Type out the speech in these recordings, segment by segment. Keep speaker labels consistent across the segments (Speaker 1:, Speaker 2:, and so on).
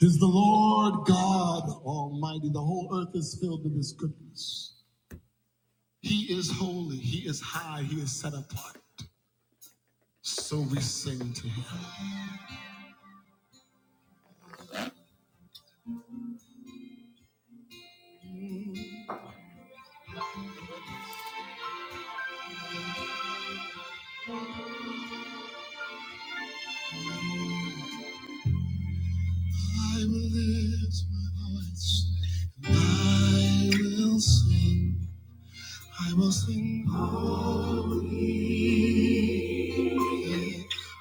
Speaker 1: is the Lord God Almighty. The whole earth is filled with His goodness. He is holy, He is high, He is set apart. So we sing to Him. I will lift my voice, I will sing, I will sing. holy,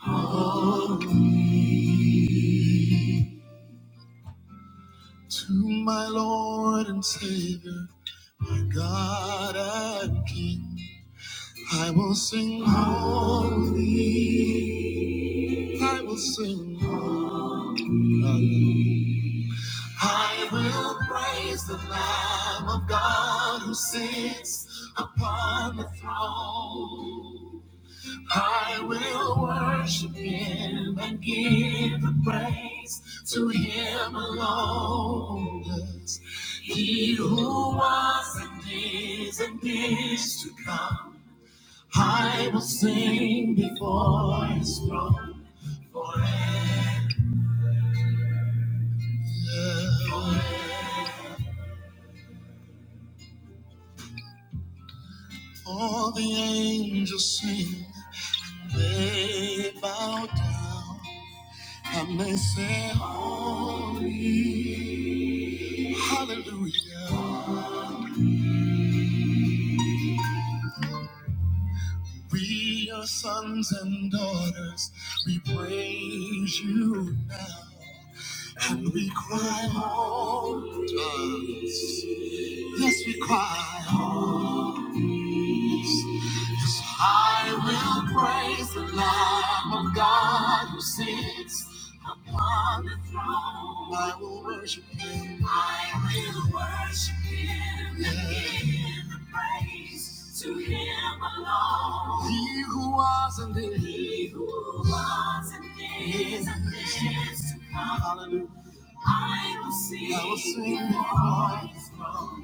Speaker 1: holy To my Lord and Savior, my God and King, I will sing holy. I will sing holy. I will praise the Lamb of God who sits upon the throne. I will worship him and give the praise to him alone. Yes. He who was and is and is to come. I will sing before his throne. forever. Yeah. All the angels sing, they bow down, and they say, Holy, Hallelujah. We are sons and daughters, we praise you now, and we cry, Holy. Yes, we cry. Yes, Yes, I will praise the Lamb of God who sits upon the throne. I will worship Him. I will worship Him and give the praise to Him alone. He who was and is. He who was and is and is to come. Hallelujah. I will sing. I will sing. His throne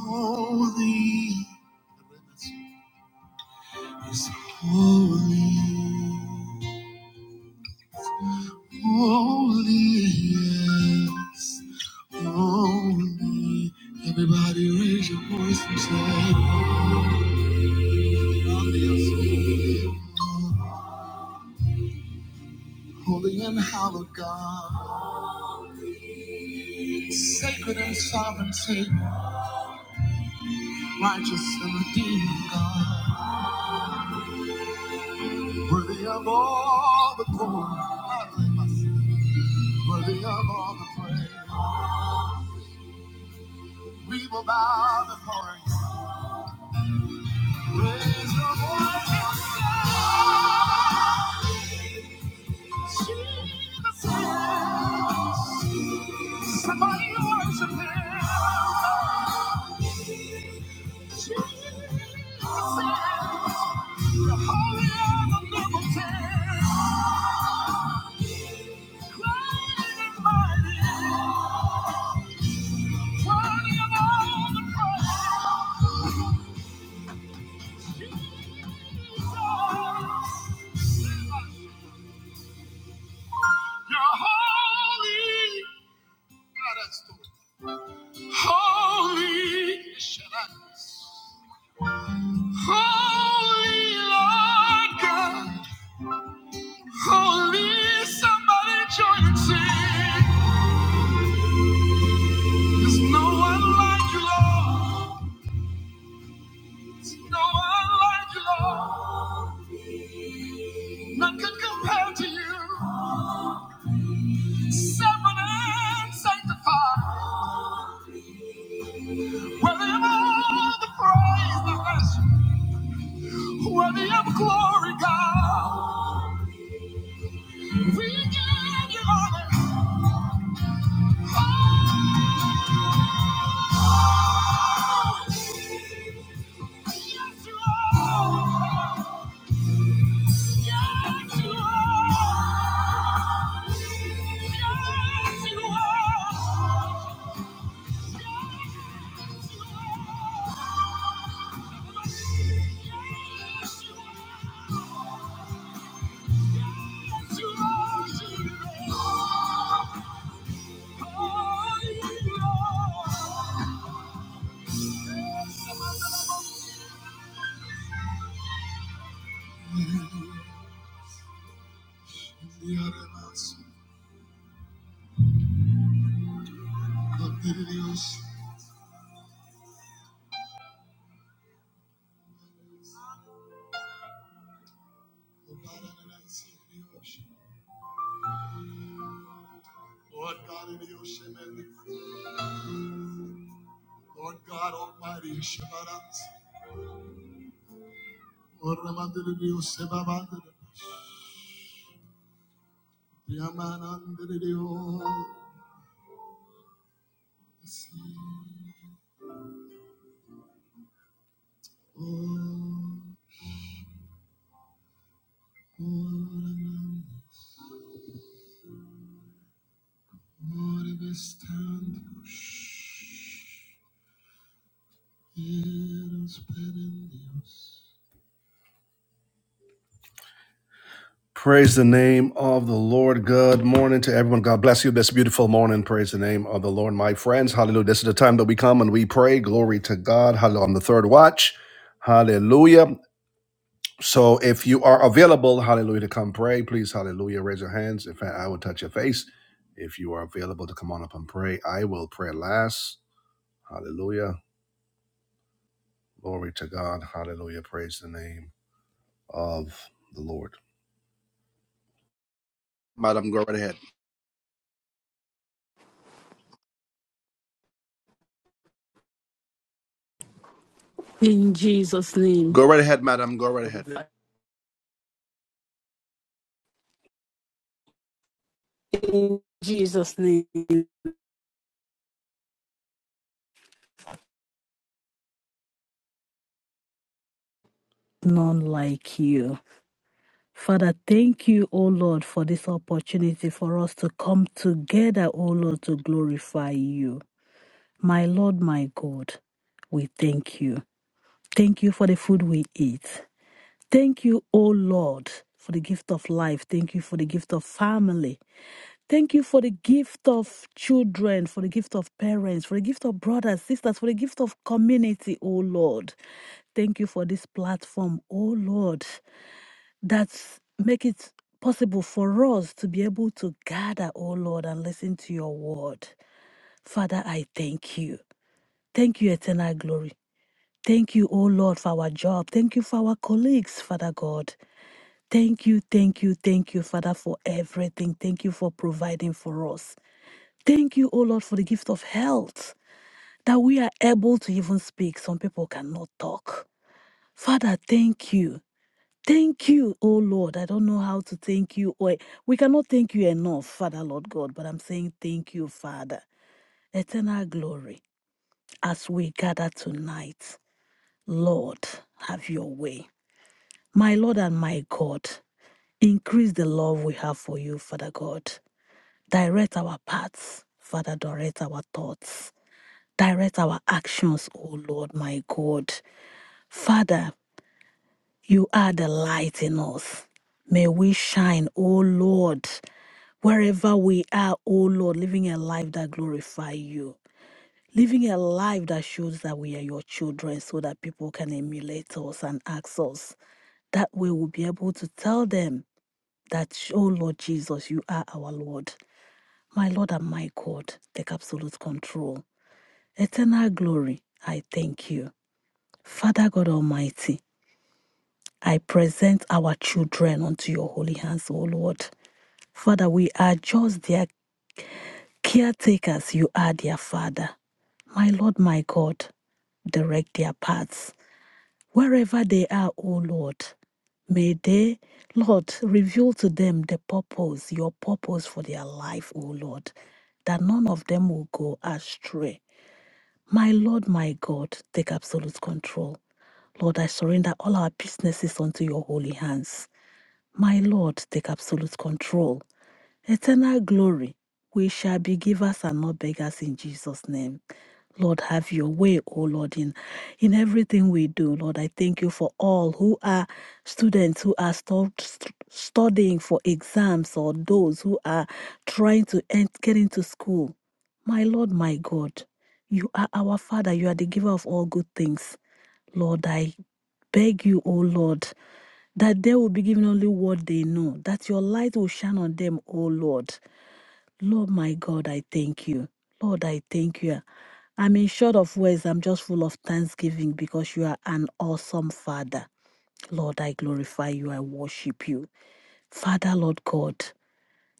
Speaker 1: holy, is holy, yes. holy, yes, holy. Everybody raise your voice and say, Holy, yes. holy and hallowed God, sacred and sovereign Savior, righteous and redeeming God. Worthy of all the glory. Worthy of all the praise. We will bow before you. Raise your voice. Jesus. Somebody worship him. Jesus. The holy of and omnipotent. Great and mighty. Worthy of all the praise. You're holy. Holy, holy Lord God, holy somebody join and sing. There's no one like you, Lord. There's no one like you, Lord. None can compare to you. Separate and sanctified. Worthy of all the praise, the worship. Worthy of glory, God. We give you honor. Yes, you are. Yes, you are. Yes, you are. Yes, you are. Lord God in the ocean and the Lord God Almighty, Shabbat. Lord Ramandiri, Shabbat. Yamanandriyo si o oranam orvestandos eros perendios. Praise the name of the Lord. Good morning to everyone. God bless you this beautiful morning. Praise the name of the Lord, my friends. Hallelujah. This is the time that we come and we pray. Glory to God. Hallelujah. On the third watch. Hallelujah. So if you are available, hallelujah, to come pray, please, hallelujah, raise your hands. In fact, I will touch your face. If you are available to come on up and pray, I will pray last. Hallelujah. Glory to God. Hallelujah. Praise the name of the Lord. Go right ahead.
Speaker 2: In Jesus' name.
Speaker 1: Go right ahead, madam. Go right ahead.
Speaker 2: In Jesus' name. None like you. Father, thank you, O Lord, for this opportunity for us to come together, O Lord, to glorify you. My Lord, my God, we thank you. Thank you for the food we eat. Thank you, O Lord, for the gift of life. Thank you for the gift of family. Thank you for the gift of children, for the gift of parents, for the gift of brothers, sisters, for the gift of community, oh Lord. Thank you for this platform, oh Lord, that make it possible for us to be able to gather, oh Lord, and listen to your word. Father, I thank you. Thank you, eternal glory. Thank you, oh Lord, for our job. Thank you for our colleagues, Father God. Thank you, thank you, thank you, Father, for everything. Thank you for providing for us. Thank you, O Lord, for the gift of health that we are able to even speak. Some people cannot talk. Father, thank you. Thank you, O Lord. I don't know how to thank you. Or we cannot thank you enough, Father, Lord God, but I'm saying thank you, Father. Eternal glory as we gather tonight. Lord, have your way. My Lord and my God, increase the love we have for you, Father God. Direct our paths, Father, direct our thoughts. Direct our actions, O Lord, my God. Father, you are the light in us. May we shine, O Lord, wherever we are, O Lord, living a life that glorify you. Living a life that shows that we are your children so that people can emulate us and ask us. That way we'll be able to tell them that, oh Lord Jesus, you are our Lord. My Lord and my God, take absolute control. Eternal glory, I thank you. Father God Almighty, I present our children unto your holy hands, O Lord. Father, we are just their caretakers. You are their Father. My Lord, my God, direct their paths. Wherever they are, O Lord, may they, Lord, reveal to them the purpose, your purpose for their life, O Lord, that none of them will go astray. My Lord, my God, take absolute control. Lord, I surrender all our businesses unto your holy hands. My Lord, take absolute control. Eternal glory, we shall be givers and not beggars in Jesus' name. Lord, have your way, O Lord, in, in everything we do. Lord, I thank you for all who are students who are stu- stu- studying for exams or those who are trying to ent- get into school. My Lord, my God, you are our Father. You are the giver of all good things. Lord, I beg you, O Lord, that they will be given only what they know, that your light will shine on them, O Lord. Lord, my God, I thank you. Lord, I thank you. I'm in short of words. I'm just full of thanksgiving because you are an awesome Father. Lord, I glorify you. I worship you. Father, Lord God,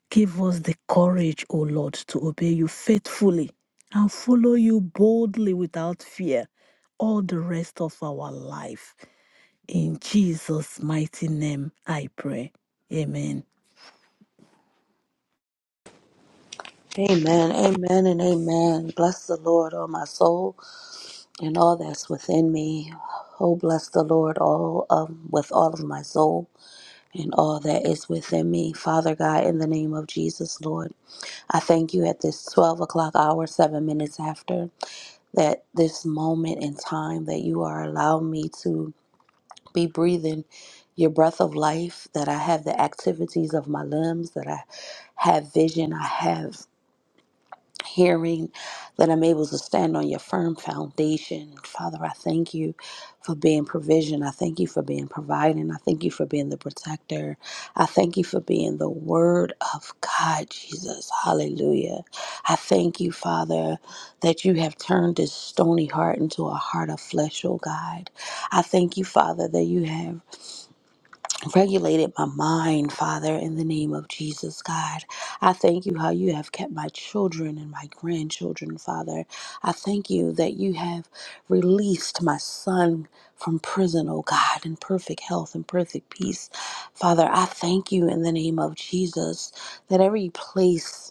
Speaker 2: give us the courage, O Lord, to obey you faithfully and follow you boldly without fear all the rest of our life. In Jesus' mighty name, I pray. Amen.
Speaker 3: Amen, amen, and amen. Bless the Lord, all my soul, and all that's within me. Oh, bless the Lord, all um, with all of my soul, and all that is within me. Father God, in the name of Jesus, Lord, I thank you at this twelve o'clock hour, seven minutes after that, this moment in time that you are allowing me to be breathing your breath of life. That I have the activities of my limbs. That I have vision. I have hearing that I'm able to stand on your firm foundation. Father, I thank you for being provision. I thank you for being providing. I thank you for being the protector. I thank you for being the word of God, Jesus. Hallelujah. I thank you, Father, that you have turned this stony heart into a heart of flesh, oh God. I thank you, Father, that you have regulated my mind, Father, in the name of Jesus, God. I thank you how you have kept my children and my grandchildren, Father. I thank you that you have released my son from prison, oh God, in perfect health and perfect peace. Father, I thank you in the name of Jesus that every place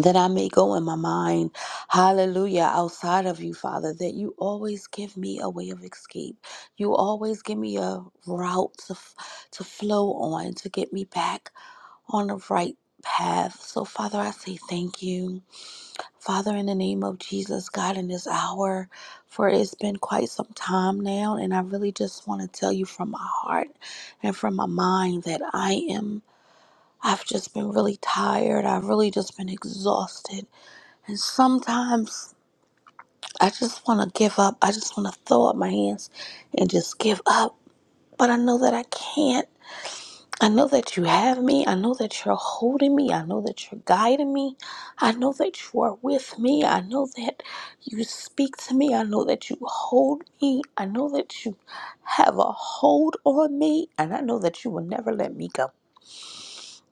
Speaker 3: that I may go in my mind, hallelujah, outside of you, Father, that you always give me a way of escape. You always give me a route to, f- to flow on, to get me back on the right path. So, Father, I say thank you. Father, in the name of Jesus, God, in this hour, for it's been quite some time now, and I really just want to tell you from my heart and from my mind that I am. I've just been really tired. I've really just been exhausted. And sometimes I just want to give up. I just want to throw up my hands and just give up. But I know that I can't. I know that you have me. I know that you're holding me. I know that you're guiding me. I know that you are with me. I know that you speak to me. I know that you hold me. I know that you have a hold on me. And I know that you will never let me go.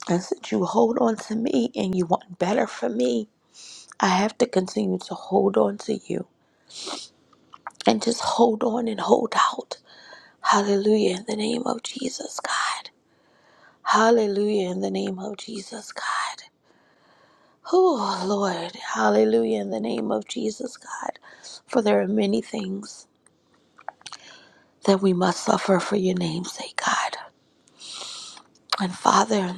Speaker 3: And since you hold on to me and you want better for me, I have to continue to hold on to you. and just hold on and hold out. Hallelujah in the name of Jesus, God. Hallelujah in the name of Jesus, God. Oh, Lord. Hallelujah in the name of Jesus, God. For there are many things that we must suffer for your name's sake, God. And Father,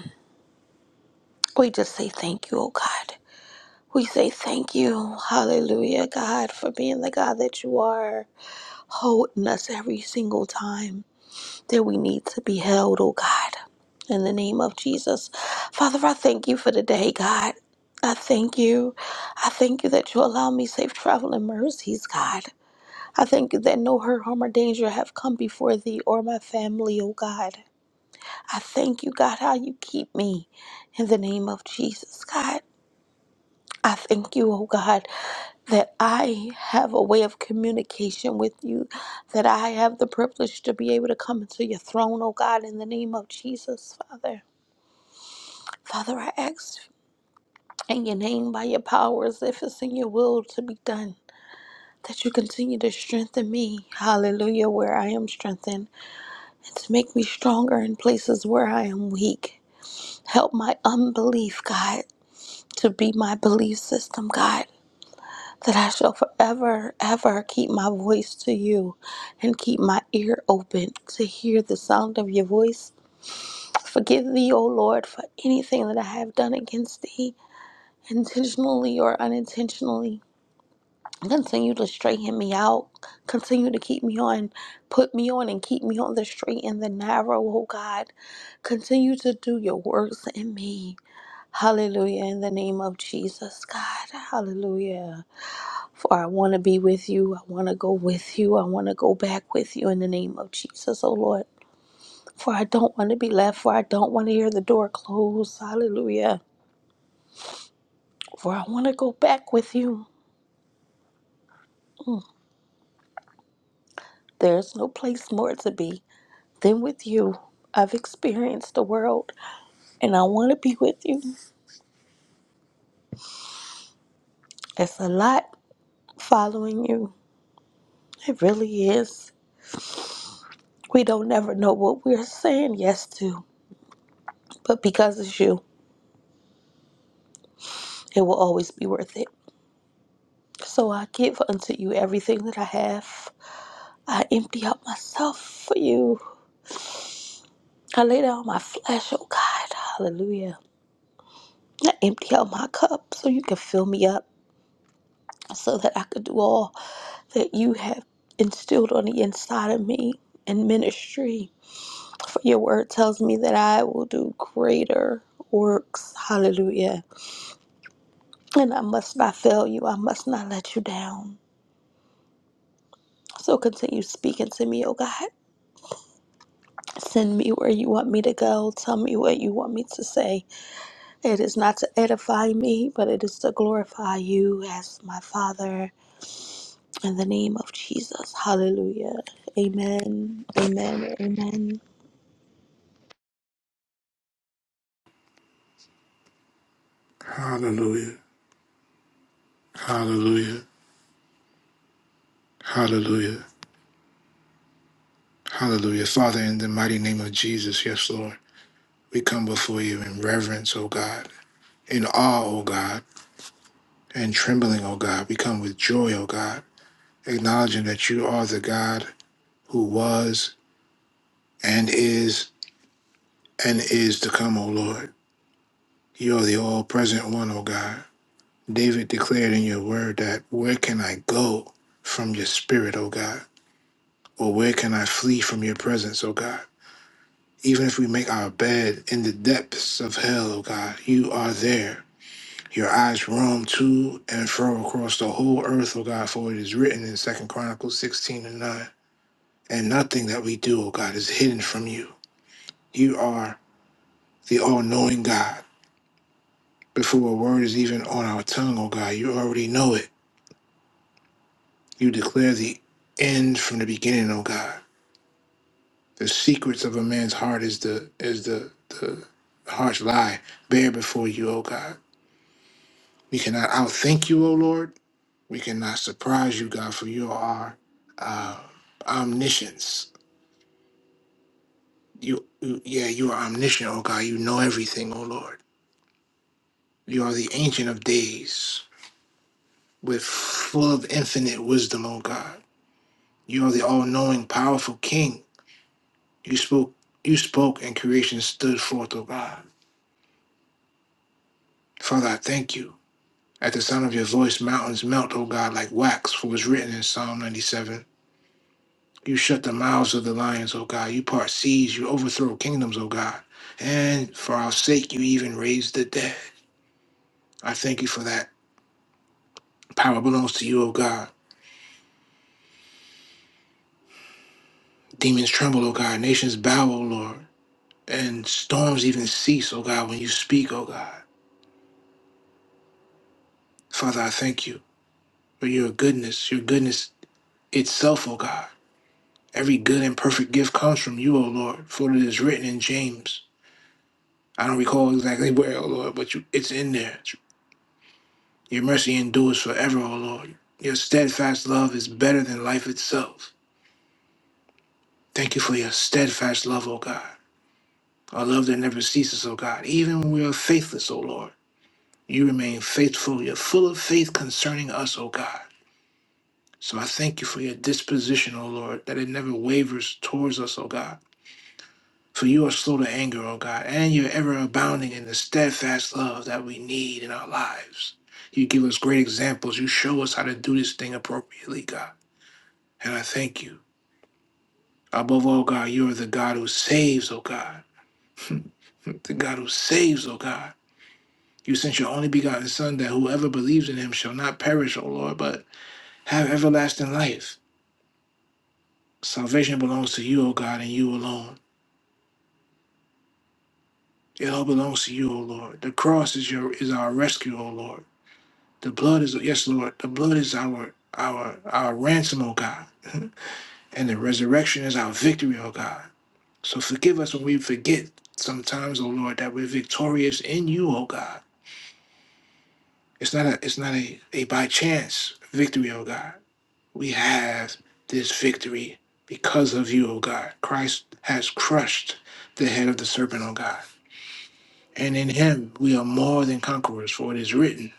Speaker 3: we just say thank you, oh God. We say thank you, hallelujah, God, for being the God that you are, holding us every single time. that we need to be held, oh God. In the name of Jesus. Father, I thank you for the day, God. I thank you. I thank you that you allow me safe travel and mercies, God. I thank you that no hurt, harm, or danger have come before thee or my family, oh God. I thank you, God, how you keep me in the name of Jesus, God. I thank you, oh God, that I have a way of communication with you, that I have the privilege to be able to come into your throne, oh God, in the name of Jesus, Father. Father, I ask in your name, by your powers, if it's in your will to be done, that you continue to strengthen me, hallelujah, where I am strengthened, and to make me stronger in places where I am weak. Help my unbelief, God, to be my belief system, God. that I shall forever, ever keep my voice to you and keep my ear open to hear the sound of your voice. Forgive thee, O Lord, for anything that I have done against thee, intentionally or unintentionally. Continue to straighten me out. Continue to keep me on, put me on, and keep me on the straight and the narrow, O God. Continue to do your works in me. Hallelujah. In the name of Jesus, God. Hallelujah. For I want to be with you. I want to go with you. I want to go back with you in the name of Jesus, oh Lord. For I don't want to be left. For I don't want to hear the door close. Hallelujah. For I want to go back with you. There's no place more to be than with you. I've experienced the world and I want to be with you. It's a lot following you. It really is. We don't never know what we're saying yes to, but because it's you, it will always be worth it. So I give unto you everything that I have. I empty out myself for you. I lay down my flesh, oh God. Hallelujah. I empty out my cup so you can fill me up so that I could do all that you have instilled on the inside of me in ministry. For your word tells me that I will do greater works. Hallelujah. And I must not fail you. I must not let you down. So continue speaking to me, oh God. Send me where you want me to go. Tell me what you want me to say. It is not to edify me, but it is to glorify you as my Father. In the name of Jesus. Hallelujah. Amen. Amen. Amen.
Speaker 4: Hallelujah. Hallelujah. Hallelujah. Hallelujah. Father, in the mighty name of Jesus, yes, Lord, we come before you in reverence, O God, in awe, O God, and trembling, O God. We come with joy, O God, acknowledging that you are the God who was and is and is to come, O Lord. You are the all present one, O God. David declared in your word that where can I go from your spirit, O God? Or where can I flee from your presence, O God? Even if we make our bed in the depths of hell, oh God, you are there. Your eyes roam to and fro across the whole earth, O God, for it is written in Second Chronicles 16 and 9. And nothing that we do, O God, is hidden from you. You are the all knowing God. Before a word is even on our tongue, O God, you already know it. You declare the end from the beginning, O God. The secrets of a man's heart is the is the the heart's lie. Bear before you, O God. We cannot outthink you, O Lord. We cannot surprise you, God, for you are uh, omniscience. You, you, yeah, you are omniscient, O God. You know everything, O Lord. You are the Ancient of Days, with full of infinite wisdom, O God. You are the all-knowing, powerful King. You spoke, you spoke, and creation stood forth, O God. Father, I thank you. At the sound of your voice, mountains melt, O God, like wax, for it was written in Psalm 97. You shut the mouths of the lions, O God. You part seas. You overthrow kingdoms, O God. And for our sake, you even raise the dead. I thank you for that. Power belongs to you, O God. Demons tremble, O God. Nations bow, O Lord. And storms even cease, O God, when you speak, O God. Father, I thank you for your goodness, your goodness itself, O God. Every good and perfect gift comes from you, O Lord, for it is written in James. I don't recall exactly where, O Lord, but you, it's in there. Your mercy endures forever, O Lord. Your steadfast love is better than life itself. Thank you for your steadfast love, O God. A love that never ceases, O God. Even when we are faithless, O Lord, you remain faithful. You're full of faith concerning us, O God. So I thank you for your disposition, O Lord, that it never wavers towards us, O God. For you are slow to anger, O God, and you're ever abounding in the steadfast love that we need in our lives. You give us great examples. You show us how to do this thing appropriately, God. And I thank you. Above all, God, you are the God who saves, oh God. the God who saves, oh God. You sent your only begotten Son that whoever believes in him shall not perish, O Lord, but have everlasting life. Salvation belongs to you, O God, and you alone. It all belongs to you, O Lord. The cross is your is our rescue, O Lord. The blood is yes, Lord. The blood is our our our ransom, O God. and the resurrection is our victory, O God. So forgive us when we forget sometimes, O Lord, that we're victorious in you, O God. It's not a it's not a, a by chance victory, O God. We have this victory because of you, O God. Christ has crushed the head of the serpent, O God. And in him we are more than conquerors, for it is written.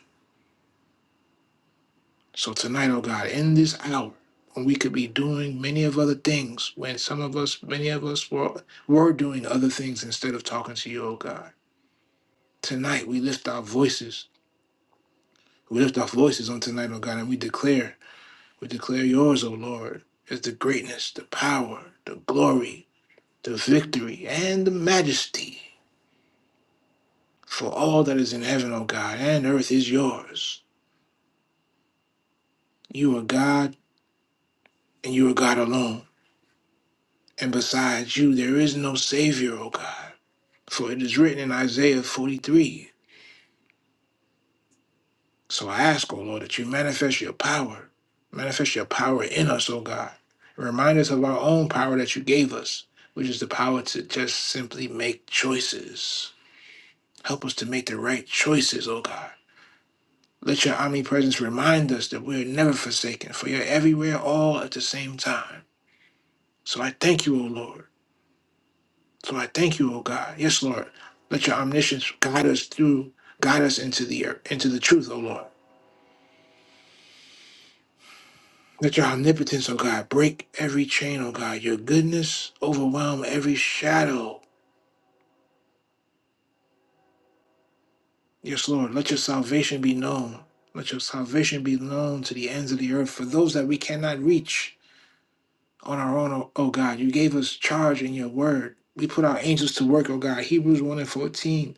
Speaker 4: So tonight, O God, in this hour, when we could be doing many of other things, when some of us, many of us were, were doing other things instead of talking to you, O God. Tonight we lift our voices. We lift our voices on tonight, oh God, and we declare, we declare yours, O Lord, is the greatness, the power, the glory, the victory, and the majesty. For all that is in heaven, O God, and earth is yours. You are God, and you are God alone. And besides you, there is no Savior, O God. For it is written in Isaiah 43 So I ask, O Lord, that you manifest your power. Manifest your power in us, O God. Remind us of our own power that you gave us, which is the power to just simply make choices. Help us to make the right choices, O God. Let your omnipresence remind us that we are never forsaken, for you're everywhere all at the same time. So I thank you, O Lord. So I thank you, O God. Yes, Lord. Let your omniscience guide us through, guide us into the into the truth, O Lord. Let your omnipotence, O God, break every chain, O God. Your goodness overwhelm every shadow. Yes, Lord, let your salvation be known. Let your salvation be known to the ends of the earth for those that we cannot reach on our own, O O God. You gave us charge in your word. We put our angels to work, O God. Hebrews 1 and 14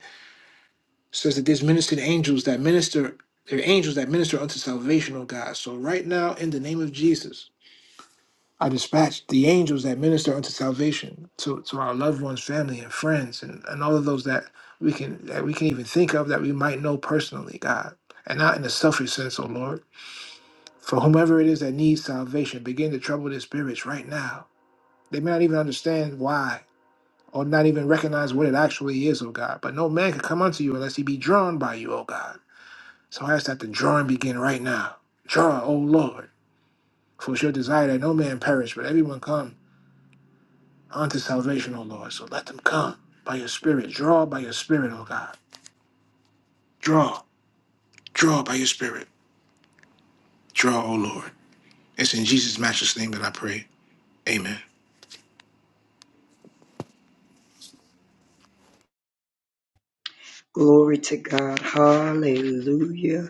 Speaker 4: says that there's ministered angels that minister, there are angels that minister unto salvation, O God. So right now, in the name of Jesus, I dispatched the angels that minister unto salvation to, to our loved ones, family, and friends, and, and all of those that we can that we can even think of that we might know personally, God, and not in a selfish sense, oh Lord. For whomever it is that needs salvation, begin to trouble their spirits right now. They may not even understand why, or not even recognize what it actually is, oh God. But no man can come unto you unless he be drawn by you, oh God. So I ask that the drawing begin right now. Draw, oh Lord, for it's your desire that no man perish, but everyone come unto salvation, O Lord. So let them come by your Spirit. Draw by your Spirit, O God. Draw, draw by your Spirit. Draw, O Lord. It's in Jesus' matchless name that I pray. Amen.
Speaker 5: Glory to God. Hallelujah.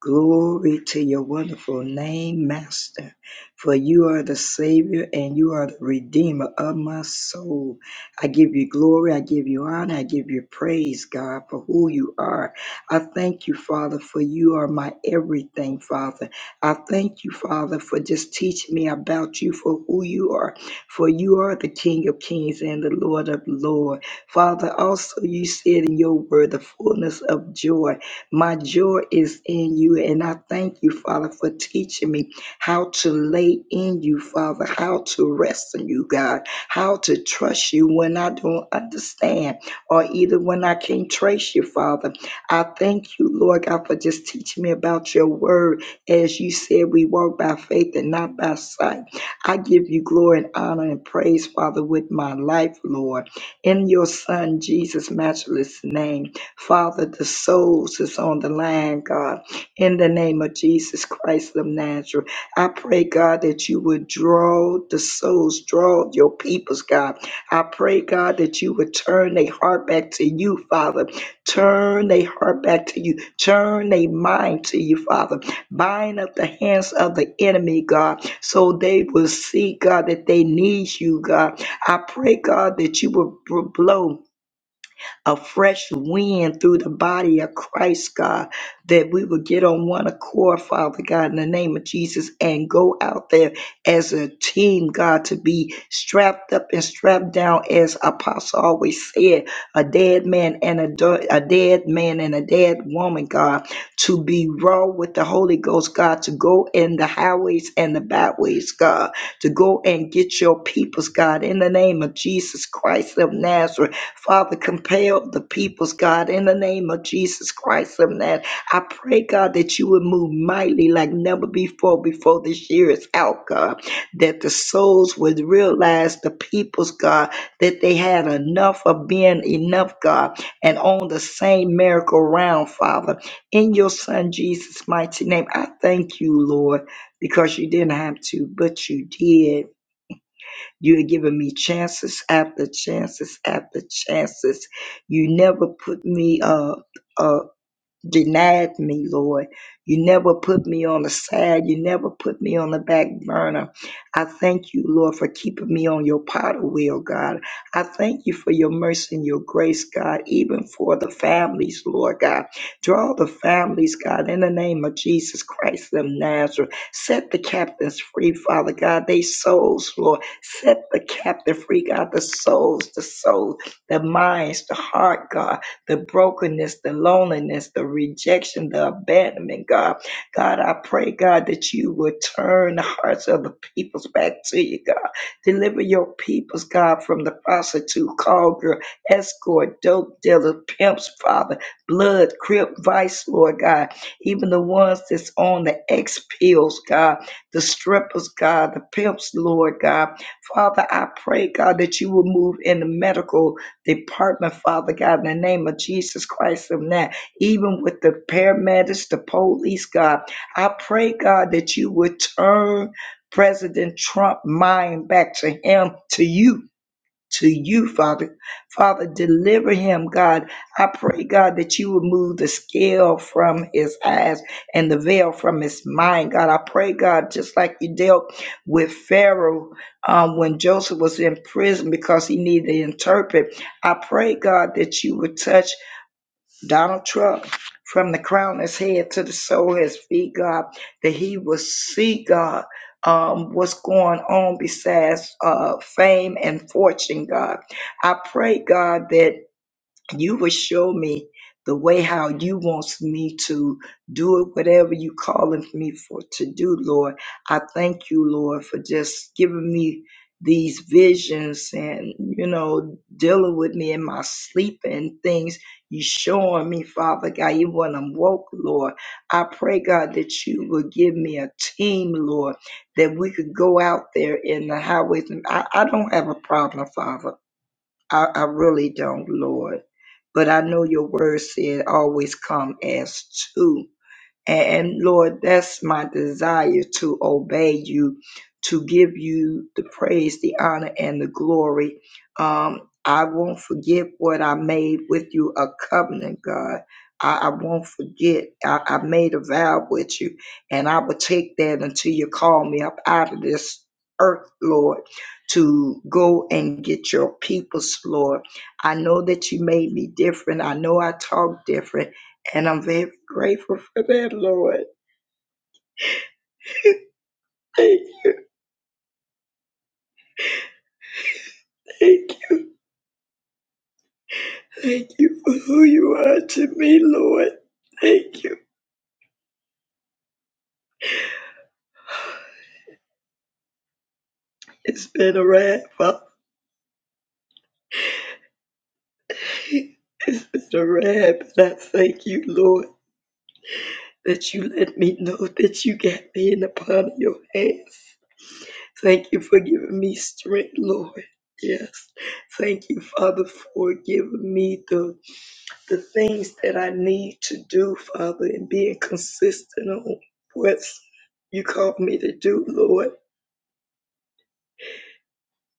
Speaker 5: Glory to your wonderful name, Master, for you are the Savior and you are the Redeemer of my soul. I give you glory, I give you honor, I give you praise, God, for who you are. I thank you, Father, for you are my everything, Father. I thank you, Father, for just teaching me about you, for who you are, for you are the King of kings and the Lord of lords. Father, also you said in your word, the fullness of joy my joy is in you, and I thank you, Father, for teaching me how to lay in you, Father, how to rest in you, God, how to trust you when I don't understand or either when I can't trace you, Father. I thank you, Lord God, for just teaching me about your word. As you said, we walk by faith and not by sight. I give you glory and honor and praise, Father, with my life, Lord. In your Son, Jesus' matchless name. Father, the souls is on the line, God. In the name of Jesus Christ of Nazareth, I pray, God, that you would draw the souls, draw your peoples, God. I pray, God, that you would turn their heart back to you, Father. Turn their heart back to you. Turn their mind to you, Father. Bind up the hands of the enemy, God, so they will see, God, that they need you, God. I pray, God, that you will blow a fresh wind through the body of Christ, God, that we will get on one accord, Father God, in the name of Jesus, and go out there as a team, God, to be strapped up and strapped down, as Apostle always said, a dead man and a, do- a dead man and a dead woman, God, to be raw with the Holy Ghost, God, to go in the highways and the byways, God, to go and get your peoples, God, in the name of Jesus Christ of Nazareth. Father, compel the peoples, God, in the name of Jesus Christ of Nazareth. I pray, God, that you would move mightily like never before, before this year is out, God, that the souls would realize the peoples, God, that they had enough of being enough, God, and on the same miracle round, Father. In your Son Jesus' mighty name, I thank you, Lord, because you didn't have to, but you did. You had given me chances after chances after chances. You never put me up denied me, Lord. You never put me on the side. You never put me on the back burner. I thank you, Lord, for keeping me on your potter wheel, God. I thank you for your mercy and your grace, God, even for the families, Lord God. Draw the families, God, in the name of Jesus Christ of Nazareth. Set the captains free, Father God. They souls, Lord. Set the captive free, God. The souls, the souls, the minds, the heart, God the brokenness, the loneliness, the rejection, the abandonment, God. God, I pray, God, that you would turn the hearts of the peoples back to you, God. Deliver your peoples, God, from the prostitute, call girl, escort, dope dealer, pimps, Father, blood, crip, vice, Lord God. Even the ones that's on the X pills, God, the strippers, God, the pimps, Lord God. Father, I pray, God, that you will move in the medical department, Father God, in the name of Jesus Christ of Nazareth, even with the paramedics, the police, God. I pray, God, that you would turn President Trump mind back to him, to you to you, Father. Father, deliver him, God. I pray, God, that you would move the scale from his eyes and the veil from his mind, God. I pray, God, just like you dealt with Pharaoh um, when Joseph was in prison because he needed to interpret. I pray, God, that you would touch. Donald Trump, from the crown of his head to the sole of his feet, God, that he will see, God, um, what's going on besides uh, fame and fortune, God. I pray, God, that you will show me the way how you wants me to do it, whatever you calling me for to do, Lord. I thank you, Lord, for just giving me these visions and you know dealing with me in my sleep and things you showing me father god even when i'm woke lord i pray god that you will give me a team lord that we could go out there in the highways and i, I don't have a problem father I, I really don't, Lord. But I know your word said always come as two. And Lord, that's my desire to obey you, to give you the praise, the honor, and the glory. Um, I won't forget what I made with you a covenant, God. I, I won't forget. I, I made a vow with you, and I will take that until you call me up out of this earth, Lord, to go and get your peoples, Lord. I know that you made me different. I know I talk different. And I'm very grateful for that, Lord. Thank, thank, thank you for who you are to me, Lord. Thank you. It's been a ride, Father. It's been a ride, but I thank you, Lord, that you let me know that you got me in the palm of your hands. Thank you for giving me strength, Lord. Yes. Thank you, Father, for giving me the the things that I need to do, Father, and being consistent on what you called me to do, Lord.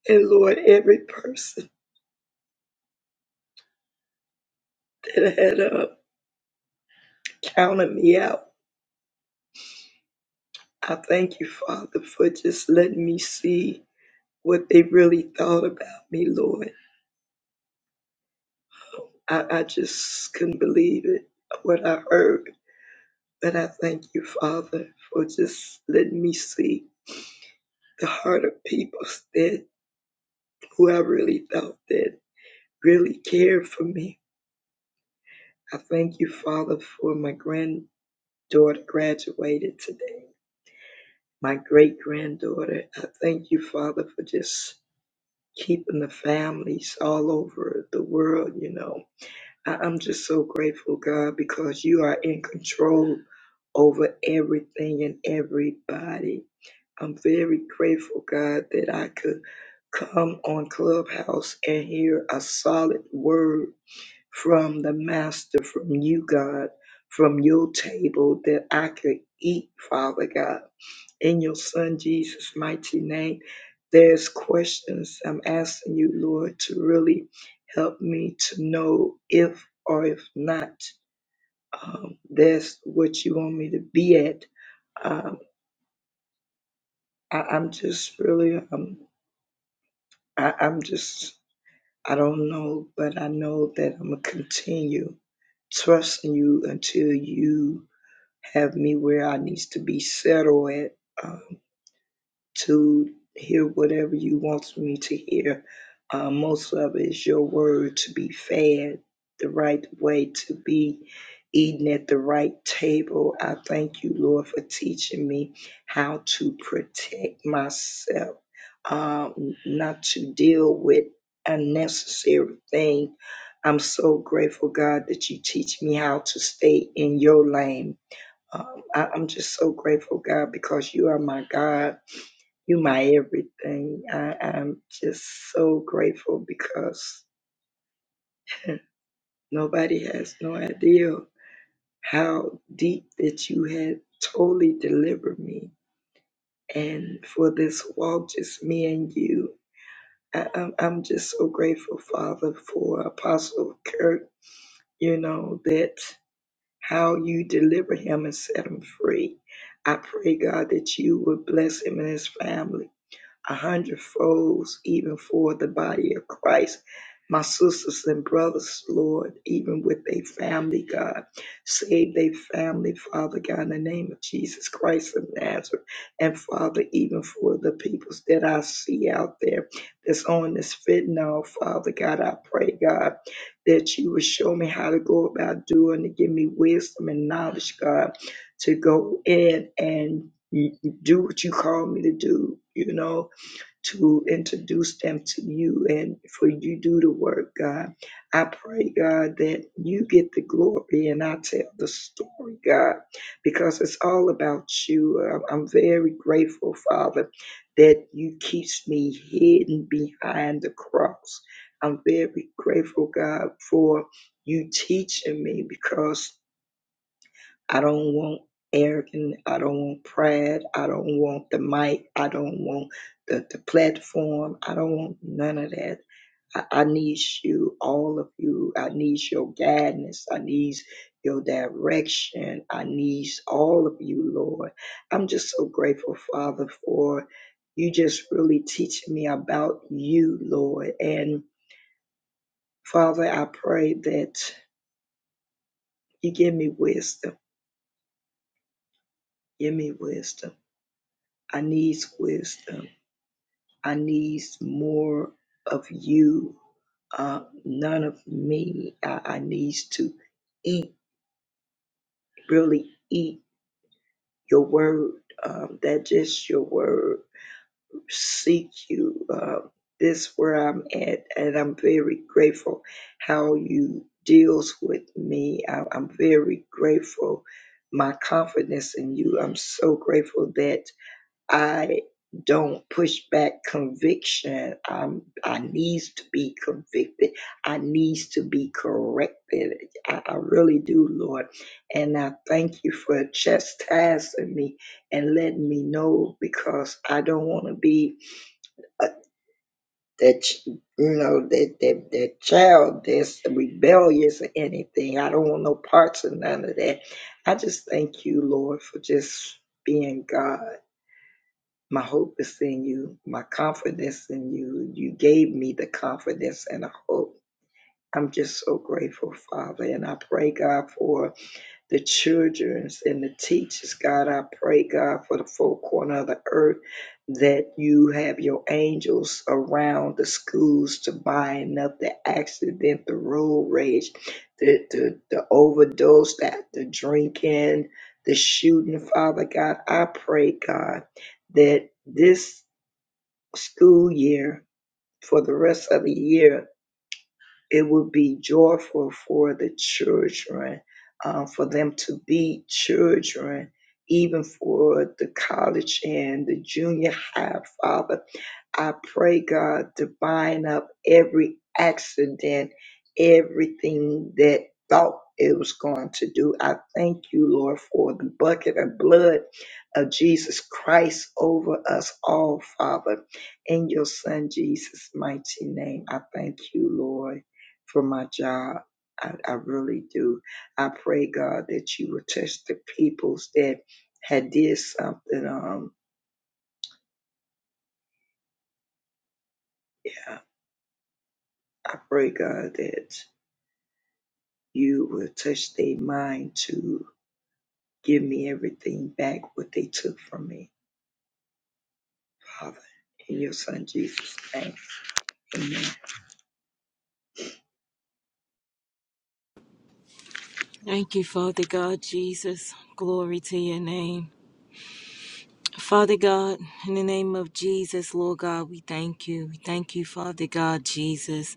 Speaker 5: And Lord, every person that had uh, counted me out, I thank you, Father, for just letting me see what they really thought about me, Lord. I, I just couldn't believe it, what I heard. But I thank you, Father, for just letting me see the heart of people that who I really thought that really cared for me I thank you, Father, for my granddaughter graduated today, my great granddaughter. I thank you, Father, for just keeping the families all over the world, you know. I- I'm just so grateful, God, because you are in control over everything and everybody. I'm very grateful, God, that I could come on Clubhouse and hear a solid word from the Master, from you, God, from your table that I could eat, Father God. In your Son Jesus' mighty name, there's questions I'm asking you, Lord, to really help me to know if or if not um, that's what you want me to be at. Um, I, I'm just really, um, I, I'm just, I don't know, but I know that I'm going to continue trusting you until you have me where I needs to be settled at um, to hear whatever you want me to hear. Uh, most of it is your word to be fed the right way, to be eating at the right table. I thank you, Lord, for teaching me how to protect myself, um, not to deal with unnecessary things. I'm so grateful, God, that you teach me how to stay in your lane um, I, I'm just so grateful, God, because you are my God. You my everything. I, I'm just so grateful because nobody has no idea how deep that you had totally delivered me. And for this walk, just me and you, I, I'm, I'm just so grateful, Father, for Apostle Kirk, you know, that how you deliver him and set him free. I pray, God, that you would bless him and his family a hundredfold, even for the body of Christ. My sisters and brothers, Lord, even with a family, God, save their family, Father God, in the name of Jesus Christ of Nazareth. And Father, even for the peoples that I see out there that's on this fentanyl, Father God, I pray, God, that you would show me how to go about doing it. Give me wisdom and knowledge, God, to go in and do what you call me to do, you know to introduce them to you and for you to do the work, God. I pray, God, that you get the glory and I tell the story, God, because it's all about you. I'm I'm very grateful, Father, that you keep me hidden behind the cross. I'm very grateful, God, for you teaching me because I don't want arrogant. I don't want pride. I don't want the mic. I don't want the, the platform. I don't want none of that. I, I need you, all of you. I need your guidance. I need your direction. I need all of you, Lord. I'm just so grateful, Father, for you just really teaching me about you, Lord. And Father, I pray that you give me wisdom. Give me wisdom I needs wisdom. I needs more of you. Uh, none of me. I, I needs to eat, really eat your word. Um, that just your word. Seek you. Uh, this where I'm at, and I'm very grateful how you deals with me. I, I'm very grateful. My confidence in you. I'm so grateful that. I don't push back conviction. I'm, I needs to be convicted. I needs to be corrected. I, I really do, Lord. And I thank you for chastising me and letting me know because I don't want to be a, that ch- you know that that that child that's rebellious or anything. I don't want no parts of none of that. I just thank you, Lord, for just being God my hope is in you. My confidence in you. You gave me the confidence and a hope. I'm just so grateful, Father. And I pray, God, for the childrens and the teachers. God, I pray, God, for the four corner of the earth that you have your angels around the schools to bind up the accident, the road rage, the, the, the overdose, that the drinking, the shooting, Father God. I pray, God, that this school year for the rest of the year it will be joyful for the children, uh, for them to be children, even for the college and the junior high, Father. I pray, God, to bind up every accident, everything that thought it was going to do. I thank you, Lord, for the bucket of blood of Jesus Christ over us all, Father. In your Son Jesus' mighty name, I thank you, Lord for my job. I, I really do. I pray God that you will touch the peoples that had did something. Um, yeah. I pray God that you will touch their mind to give me everything back what they took from me, Father. In your Son Jesus' name, Amen.
Speaker 6: Thank you, Father God, Jesus. Glory to your name. Father God, in the name of Jesus, Lord God, we thank you. We thank you, Father God, Jesus.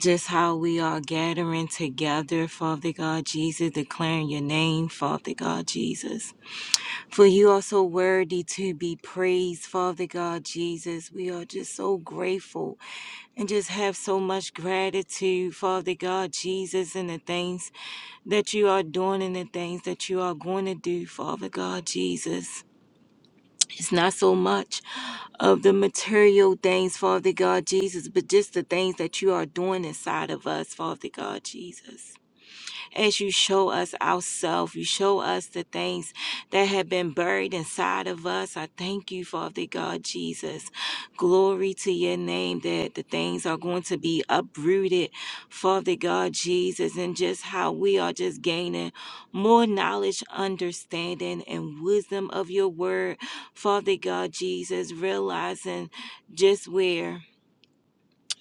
Speaker 6: Just how we are gathering together, Father God, Jesus, declaring your name, Father God, Jesus. For you are so worthy to be praised, Father God, Jesus. We are just so grateful and just have so much gratitude, Father God, Jesus, in the things that you are doing and the things that you are going to do, Father God Jesus. It's not so much of the material things, Father God Jesus, but just the things that you are doing inside of us, Father God Jesus as you show us ourselves. You show us the things that have been buried inside of us. I thank you, Father God Jesus. Glory to your name that the things are going to be uprooted, Father God Jesus, and just how we are just gaining more knowledge, understanding, and wisdom of your word, Father God Jesus, realizing just where.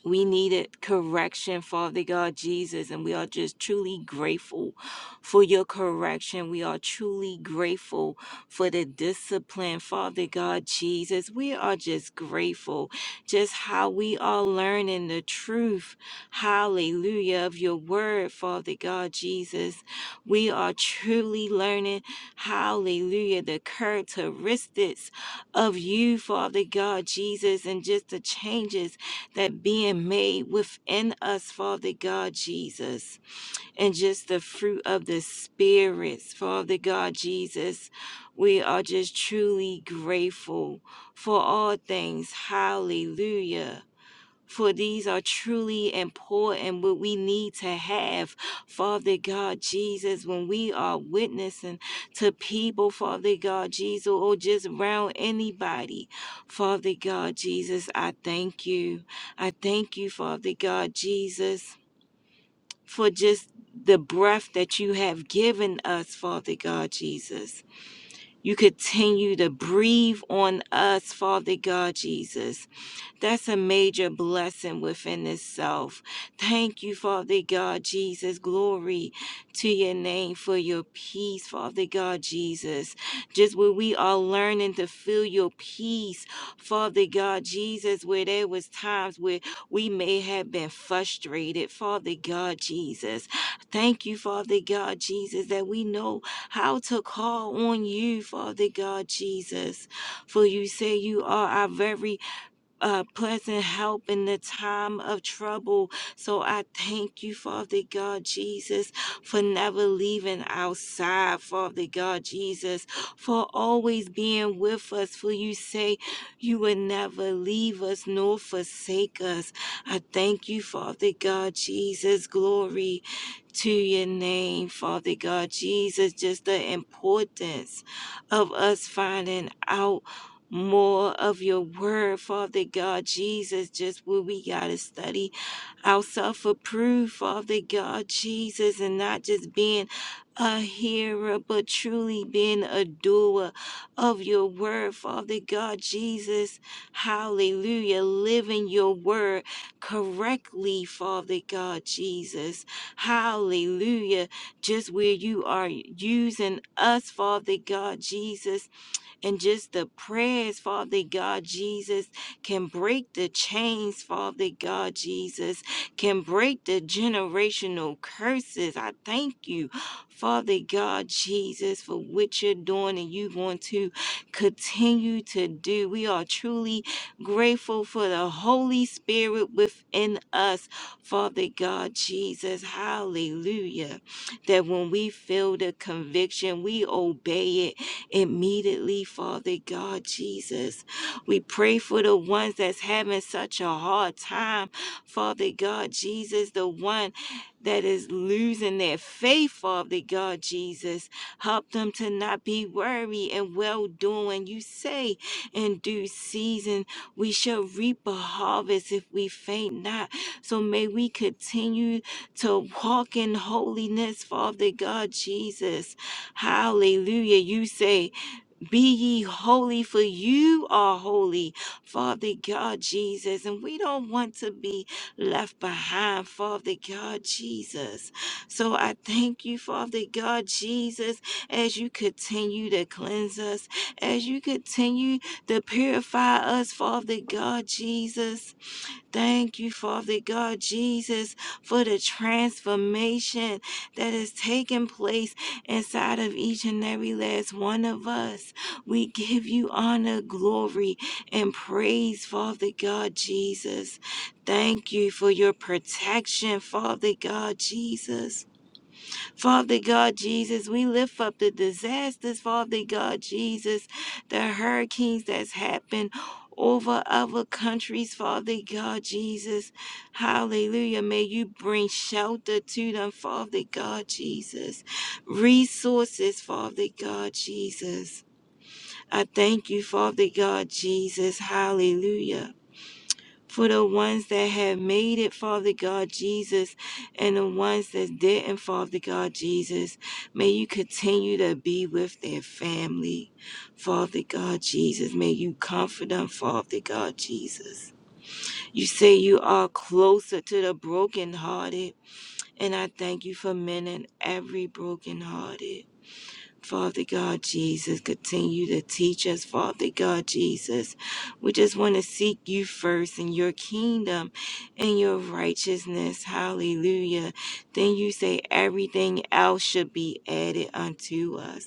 Speaker 6: We needed correction, Father God Jesus, and we are just truly grateful for your correction. We are truly grateful for the discipline, Father God Jesus. We are just grateful just how we are learning the truth, hallelujah, of your word, Father God Jesus. We are truly learning, hallelujah, the characteristics of you, Father God Jesus, and just the changes that being made within us, Father God Jesus, and just the fruit of the spirits, Father God Jesus. We are just truly grateful for all things. Hallelujah. For these are truly important, what we need to have, Father God Jesus, when we are witnessing to people, Father God Jesus, or just around anybody. Father God Jesus, I thank you. I thank you, Father God Jesus, for just the breath that you have given us, Father God Jesus. You continue to breathe on us, Father God Jesus. That's a major blessing within itself. Thank you, Father God, Jesus. Glory to your name for your peace, Father God, Jesus. Just where we are learning to feel your peace, Father God, Jesus, where there was times where we may have been frustrated, Father God, Jesus. Thank you, Father God, Jesus, that we know how to call on you, Father God, Jesus. For you say you are our very uh, pleasant help in the time of trouble. So I thank you, Father God Jesus, for never leaving our side, Father God Jesus, for always being with us. For you say you will never leave us nor forsake us. I thank you, Father God Jesus. Glory to your name, Father God. Jesus, just the importance of us finding out more of your word, Father God. Jesus, just what we got to study ourselves approved, Father God, Jesus, and not just being a hearer, but truly being a doer of your word, Father God, Jesus. Hallelujah. Living your word correctly, Father God, Jesus. Hallelujah. Just where you are using us, Father God, Jesus and just the prayers, Father God Jesus, can break the chains, Father God Jesus, can break the generational curses. I thank you, Father God Jesus, for what you're doing and you're going to continue to do. We are truly grateful for the Holy Spirit within us, Father God Jesus. Hallelujah. That when we feel the conviction, we obey it immediately, Father God Jesus. We pray for the ones that's having such a hard time, Father God Jesus, the one that is losing their faith, Father God Jesus. Help them to not be worried and well doing. You say in due season we shall reap a harvest if we faint not. So may we continue to walk in holiness, Father God Jesus. Hallelujah. You say be ye holy, for you are holy, Father God Jesus. And we don't want to be left behind, Father God Jesus. So I thank you, Father God Jesus, as you continue to cleanse us, as you continue to purify us, Father God Jesus. Thank you, Father God, Jesus, for the transformation that is taking place inside of each and every last one of us. We give you honor, glory, and praise, Father God, Jesus. Thank you for your protection, Father God, Jesus. Father God Jesus, we lift up the disasters, Father God Jesus, the hurricanes that's happened over other countries, Father God Jesus. Hallelujah. May you bring shelter to them, Father God Jesus. Resources, Father God Jesus. I thank you, Father God Jesus. Hallelujah for the ones that have made it, Father God Jesus, and the ones that didn't, Father God Jesus. May you continue to be with their family, Father God Jesus. May you comfort them, Father God Jesus. You say you are closer to the brokenhearted, and I thank you for mending every brokenhearted. Father God Jesus, continue to teach us, Father God Jesus. We just want to seek you first in your kingdom and your righteousness. Hallelujah. Then you say everything else should be added unto us.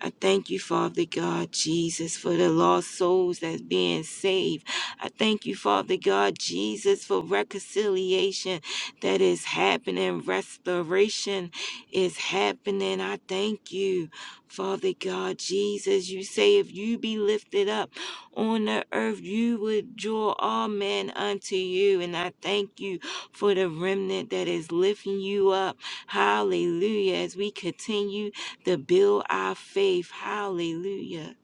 Speaker 6: I thank you, Father God Jesus, for the lost souls that's being saved. I thank you, Father God Jesus, for reconciliation that is happening, restoration is happening. I thank you, Father God Jesus. You say if you be lifted up on the earth, you would draw all men unto you. And I thank you for the remnant that is lifting you up. Hallelujah. As we continue to build our faith. Hallelujah.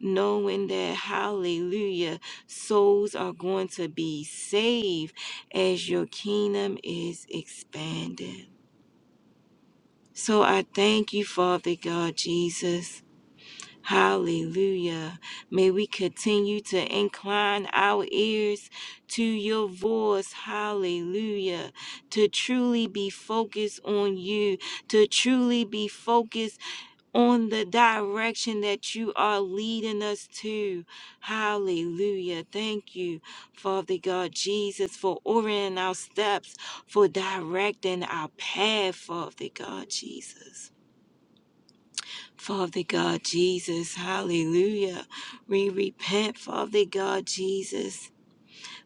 Speaker 6: Knowing that, hallelujah, souls are going to be saved as your kingdom is expanded. So I thank you, Father God Jesus. Hallelujah. May we continue to incline our ears to your voice. Hallelujah. To truly be focused on you, to truly be focused on the direction that you are leading us to. Hallelujah. Thank you, Father God Jesus, for ordering our steps, for directing our path, Father God Jesus. Father God Jesus, hallelujah. We repent, Father God Jesus,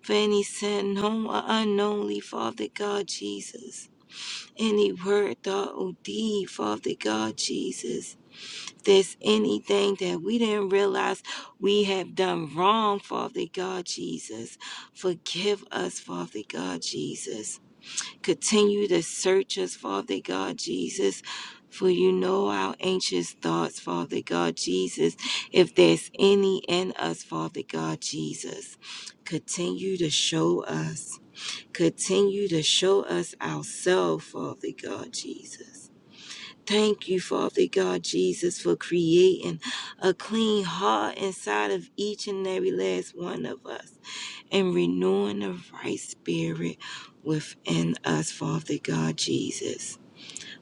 Speaker 6: for any sin known or unknownly, Father God Jesus. Any word, thought, or deed, Father God Jesus there's anything that we didn't realize we have done wrong, Father God Jesus. Forgive us, Father God Jesus. Continue to search us, Father God Jesus. For you know our anxious thoughts, Father God Jesus. If there's any in us, Father God Jesus, continue to show us. Continue to show us ourselves, Father God Jesus. Thank you, Father God Jesus, for creating a clean heart inside of each and every last one of us and renewing the right spirit within us, Father God Jesus.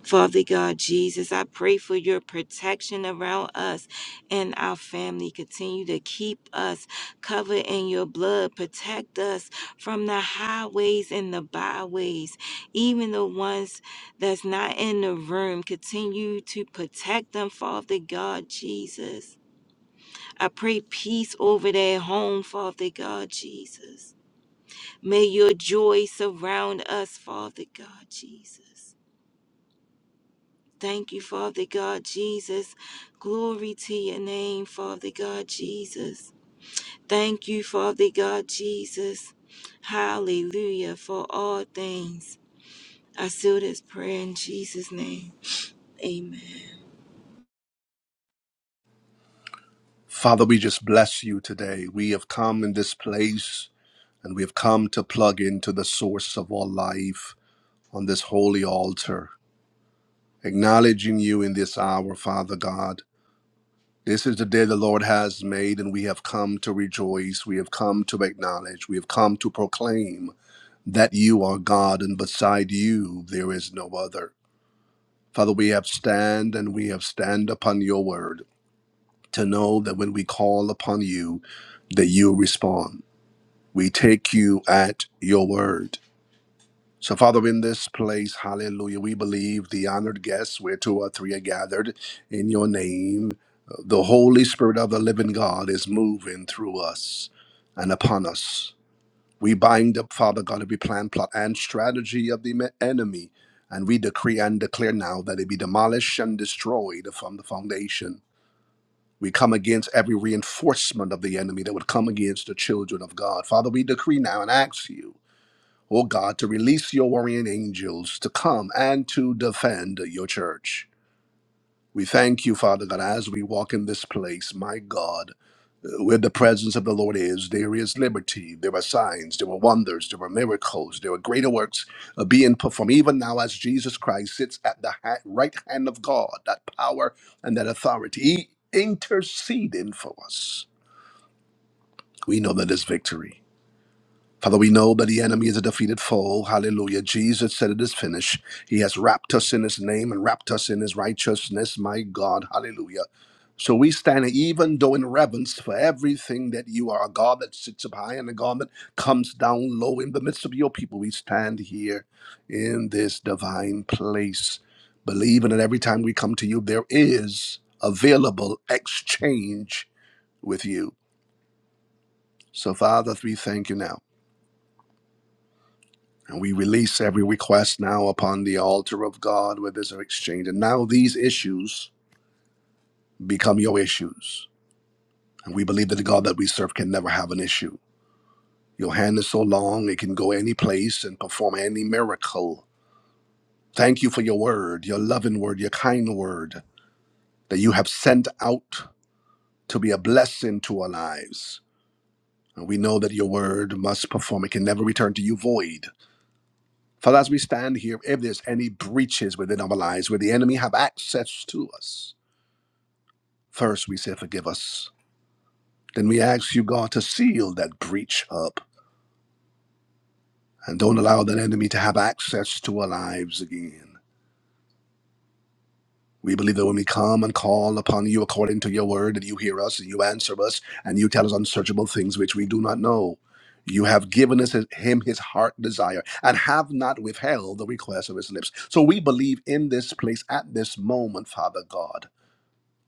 Speaker 6: Father God Jesus, I pray for your protection around us and our family. Continue to keep us covered in your blood. Protect us from the highways and the byways, even the ones that's not in the room. Continue to protect them, Father God Jesus. I pray peace over their home, Father God Jesus. May your joy surround us, Father God Jesus. Thank you, Father God Jesus. Glory to your name, Father God Jesus. Thank you, Father God Jesus. Hallelujah for all things. I seal this prayer in Jesus' name. Amen.
Speaker 1: Father, we just bless you today. We have come in this place and we have come to plug into the source of all life on this holy altar, acknowledging you in this hour, Father God This is the day the Lord has made, and we have come to rejoice. We have come to acknowledge. We have come to proclaim that you are God, and beside you there is no other. Father, we have stand and we have stand upon your word to know that when we call upon you, that you respond. We take you at your word. So, Father, in this place, hallelujah, we believe the honored guests where two or three are gathered in your name. The Holy Spirit of the living God is moving through us and upon us. We bind up, Father God, every plan, plot, and strategy of the me- enemy, and we decree and declare now that it be demolished and destroyed from the foundation. We come against every reinforcement of the enemy that would come against the children of God. Father, we decree now and ask you O God, to release your warring angels to come and to defend your church. We thank you, Father God, as we walk in this place, my God, uh, where the presence of the Lord is, there is liberty, there are signs, there are wonders, there are miracles, there are greater works uh, being performed, even now as Jesus Christ sits at the ha- right hand of God, that power and that authority, he interceding for us. We know that it's victory. Father, we know that the enemy is a defeated foe. Hallelujah. Jesus said it is finished. He has wrapped us in his name and wrapped us in his righteousness. My God. Hallelujah. So we stand even though in reverence for everything that you are, a God that sits up high and a God that comes down low in the midst of your people. We stand here in this divine place, believing that every time we come to you, there is available exchange with you. So, Father, we thank you now. And we release every request now upon the altar of God where there's an exchange. And now these issues become your issues. And we believe that the God that we serve can never have an issue. Your hand is so long, it can go any place and perform any miracle. Thank you for your word, your loving word, your kind word that you have sent out to be a blessing to our lives. And we know that your word must perform. It can never return to you void. Father, as we stand here, if there's any breaches within our lives where the enemy have access to us, first we say, forgive us. Then we ask you, God, to seal that breach up and don't allow that enemy to have access to our lives again. We believe that when we come and call upon you according to your word, that you hear us and you answer us and you tell us unsearchable things which we do not know. You have given us him his heart desire and have not withheld the request of his lips. So we believe in this place at this moment, Father God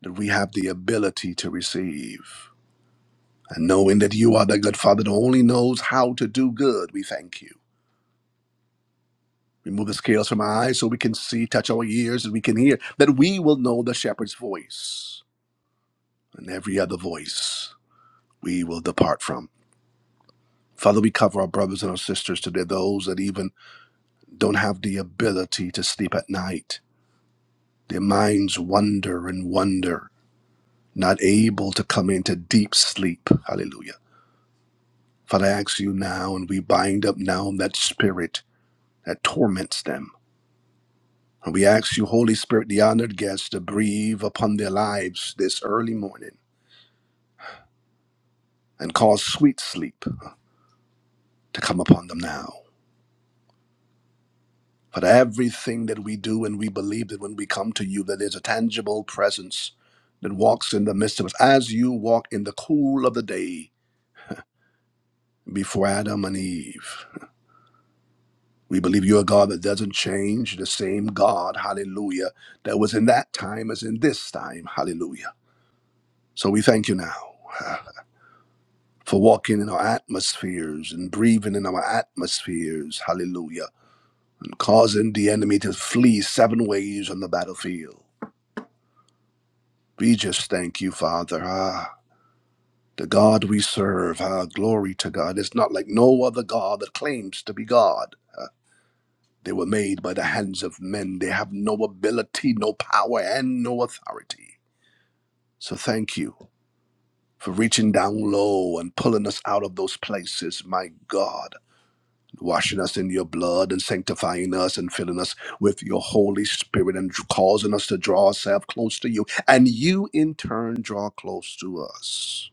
Speaker 1: that we have the ability to receive. And knowing that you are the good Father that only knows how to do good, we thank you. Remove the scales from our eyes so we can see, touch our ears, and we can hear, that we will know the shepherd's voice. And every other voice we will depart from. Father, we cover our brothers and our sisters today, those that even don't have the ability to sleep at night. Their minds wander and wonder, not able to come into deep sleep. Hallelujah Father, I ask you now, and we bind up now that spirit that torments them. And we ask you, Holy Spirit, the honored guest, to breathe upon their lives this early morning and cause sweet sleep to come upon them now. But everything that we do and we believe that when we come to you, that there's a tangible presence that walks in the midst of us as you walk in the cool of the day before Adam and Eve. We believe you're a God that doesn't change, the same God, hallelujah, that was in that time as in this time, hallelujah. So we thank you now uh, for walking in our atmospheres and breathing in our atmospheres, hallelujah, and causing the enemy to flee seven ways on the battlefield. We just thank you, Father. Ah, the God we serve, ah, glory to God, is not like no other God that claims to be God. They were made by the hands of men. They have no ability, no power, and no authority. So thank you for reaching down low and pulling us out of those places, my God, washing us in your blood and sanctifying us and filling us with your Holy Spirit and causing us to draw ourselves close to you. And you, in turn, draw close to us.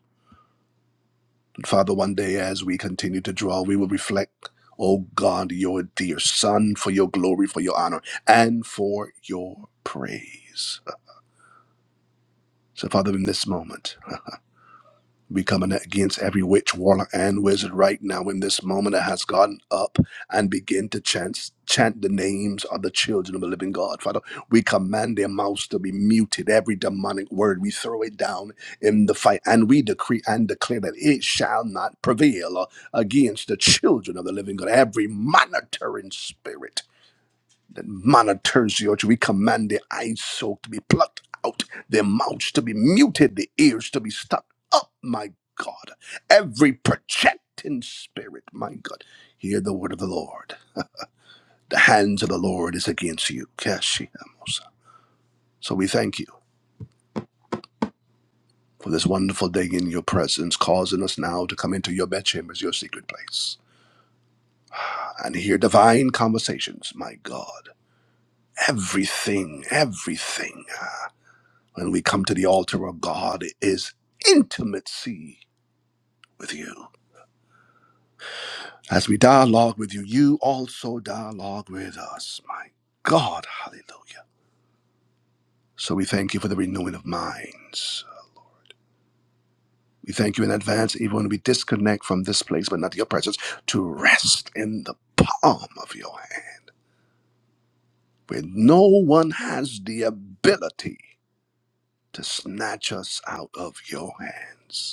Speaker 1: Father, one day as we continue to draw, we will reflect, oh God, your dear Son, for your glory, for your honor, and for your praise. So, Father, in this moment, we coming against every witch, warlock, and wizard right now in this moment that has gotten up and begin to chant, chant the names of the children of the living God. Father, we command their mouths to be muted. Every demonic word we throw it down in the fight, and we decree and declare that it shall not prevail against the children of the living God. Every monitoring spirit. That manna turns to your children. We command the eyes so to be plucked out, their mouths to be muted, the ears to be stopped up, my God. Every projecting spirit, my God. Hear the word of the Lord. The hands of the Lord is against you. Keshimosa. So we thank you for this wonderful day in your presence, causing us now to come into your bedchambers, your secret place, and hear divine conversations, my God. Everything, everything when we come to the altar of God is intimacy with you. As we dialogue with you, you also dialogue with us. My God, hallelujah. So we thank you for the renewing of minds. We thank you in advance, even when we disconnect from this place, but not your presence, to rest in the palm of your hand, where no one has the ability to snatch us out of your hands.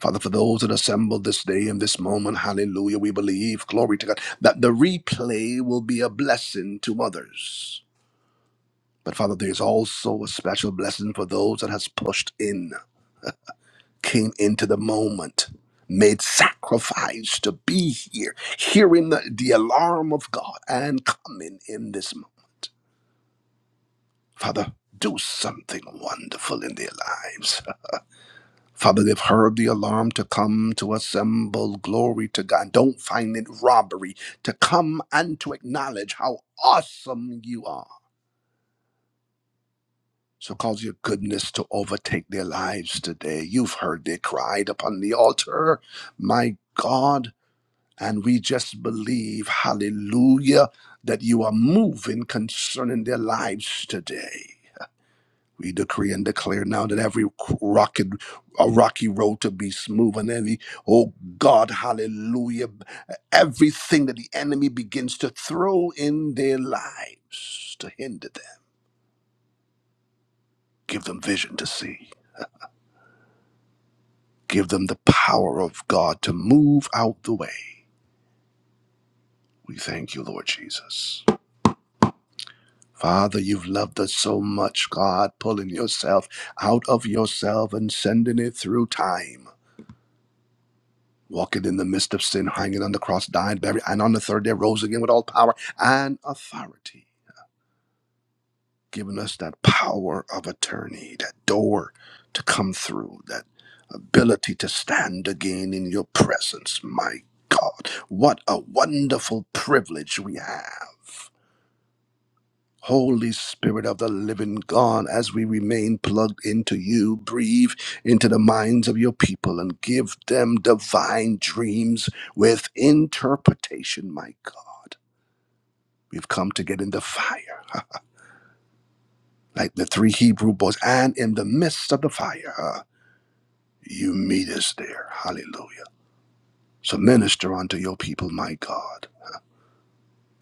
Speaker 1: Father, for those that assembled this day and this moment, hallelujah, we believe, glory to God, that the replay will be a blessing to others. But Father, there's also a special blessing for those that has pushed in, came into the moment, made sacrifice to be here, hearing the, the alarm of God and coming in this moment. Father, do something wonderful in their lives. Father, they've heard the alarm to come to assemble. Glory to God. Don't find it robbery to come and to acknowledge how awesome you are. So cause your goodness to overtake their lives today. You've heard they cried upon the altar, my God. And we just believe, hallelujah, that you are moving concerning their lives today. We decree and declare now that every rocky, a rocky road to be smooth and every, oh God, hallelujah, everything that the enemy begins to throw in their lives to hinder them. Give them vision to see. Give them the power of God to move out the way. We thank you, Lord Jesus. Father, you've loved us so much, God, pulling yourself out of yourself and sending it through time. walking in the midst of sin, hanging on the cross, died, buried, and on the third day rose again with all power and authority, giving us that power of attorney, that door to come through, that ability to stand again in your presence. My God, what a wonderful privilege we have. Holy Spirit of the living God, as we remain plugged into you, breathe into the minds of your people and give them divine dreams with interpretation, my God. We've come to get in the fire, huh? like the three Hebrew boys, and in the midst of the fire, uh, you meet us there. Hallelujah. So minister unto your people, my God.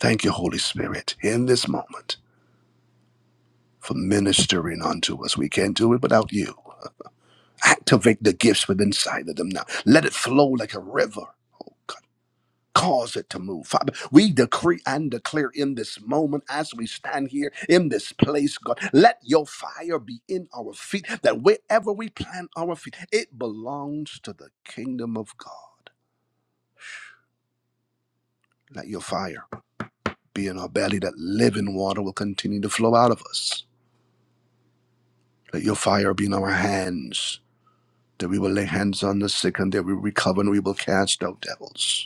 Speaker 1: Thank you, Holy Spirit, in this moment for ministering unto us. We can't do it without you. Activate the gifts within side of them now. Let it flow like a river. Oh God. Cause it to move. Father, we decree and declare in this moment as we stand here in this place, God, let your fire be in our feet, that wherever we plant our feet, it belongs to the kingdom of God. Let your fire be in our belly, that living water will continue to flow out of us. Let your fire be in our hands, that we will lay hands on the sick and they will recover and we will cast out devils.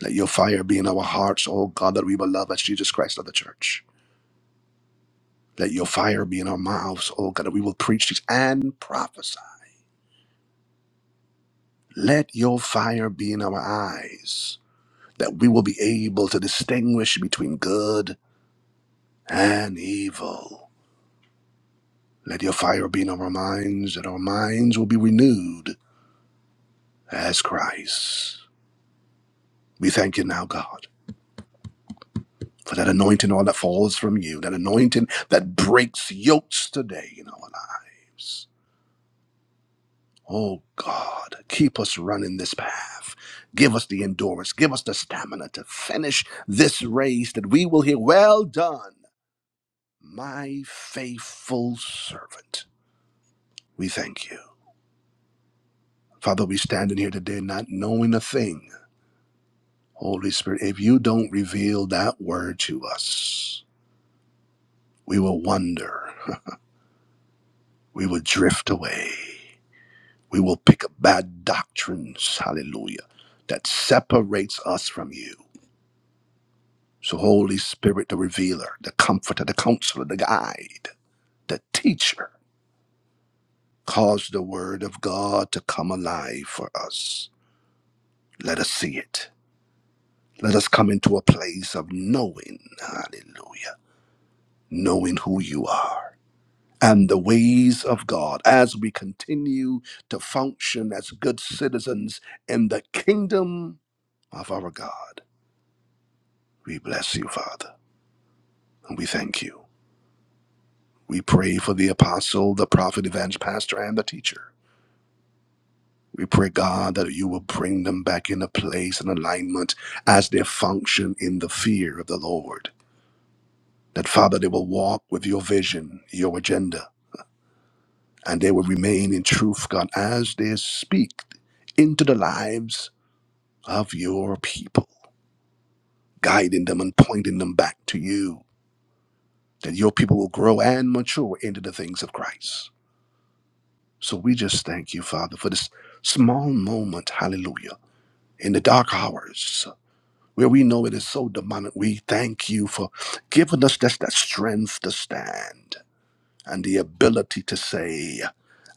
Speaker 1: Let your fire be in our hearts, oh God, that we will love as Jesus Christ of the church. Let your fire be in our mouths, oh God, that we will preach these and prophesy. Let your fire be in our eyes, that we will be able to distinguish between good and evil. Let your fire be in our minds, that our minds will be renewed as Christ. We thank you now, God, for that anointing, all that falls from you, that anointing that breaks yokes today in our lives. Oh God, keep us running this path. Give us the endurance. Give us the stamina to finish this race that we will hear, Well done, my faithful servant. We thank you. Father, we stand in here today not knowing a thing. Holy Spirit, if you don't reveal that word to us, we will wander. We will drift away. We will pick up bad doctrines, hallelujah, that separates us from you. So, Holy Spirit, the revealer, the comforter, the counselor, the guide, the teacher, cause the word of God to come alive for us. Let us see it. Let us come into a place of knowing, hallelujah, knowing who you are and the ways of God as we continue to function as good citizens in the kingdom of our God. We bless you, Father, and we thank you. We pray for the apostle, the prophet, evangelist, pastor, and the teacher. We pray, God, that you will bring them back into place and alignment as they function in the fear of the Lord. That, Father, they will walk with your vision, your agenda, and they will remain in truth, God, as they speak into the lives of your people, guiding them and pointing them back to you. That your people will grow and mature into the things of Christ. So we just thank you, Father, for this small moment, hallelujah, in the dark hours where we know it is so demonic. We thank you for giving us just that strength to stand and the ability to say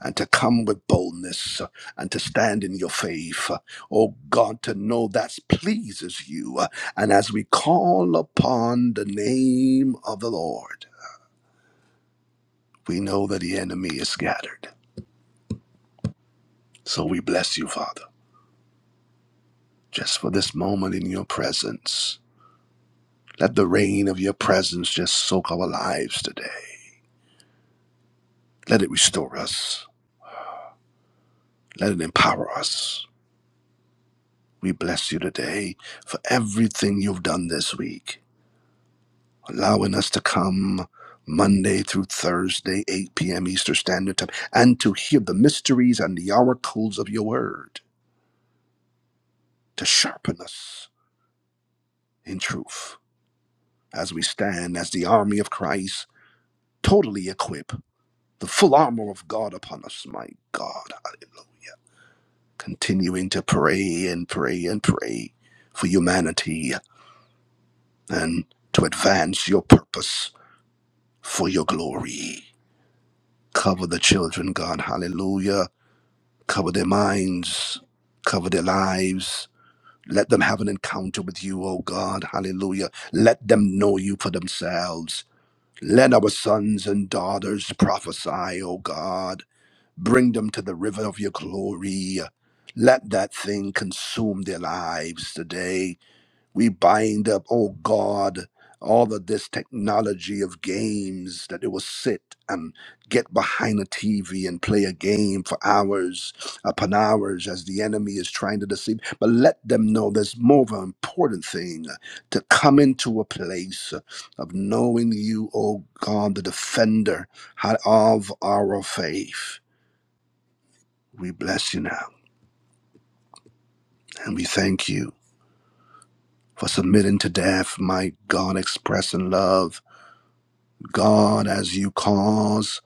Speaker 1: and to come with boldness uh, and to stand in your faith. Uh, Oh God, to know that pleases you. Uh, And as we call upon the name of the Lord, we know that the enemy is scattered. So we bless you, Father, just for this moment in your presence. Let the rain of your presence just soak our lives today. Let it restore us. Let it empower us. We bless you today for everything you've done this week, allowing us to come Monday through Thursday, 8 p.m. Eastern Standard Time, and to hear the mysteries and the oracles of your word to sharpen us in truth as we stand as the army of Christ, totally equipped, the full armor of God upon us. My God, continuing to pray and pray and pray for humanity and to advance your purpose for your glory. Cover the children, God. Hallelujah. Cover their minds, cover their lives. Let them have an encounter with you, oh God. Hallelujah. Let them know you for themselves. Let our sons and daughters prophesy, oh God. Bring them to the river of your glory. Let that thing consume their lives today We bind up, oh God, all of this technology of games that they will sit and get behind a TV and play a game for hours upon hours as the enemy is trying to deceive. But let them know there's more of an important thing to come into a place of knowing you, oh God, the defender of our faith. We bless you now and we thank you for submitting to death, my God, expressing love God, as you cause,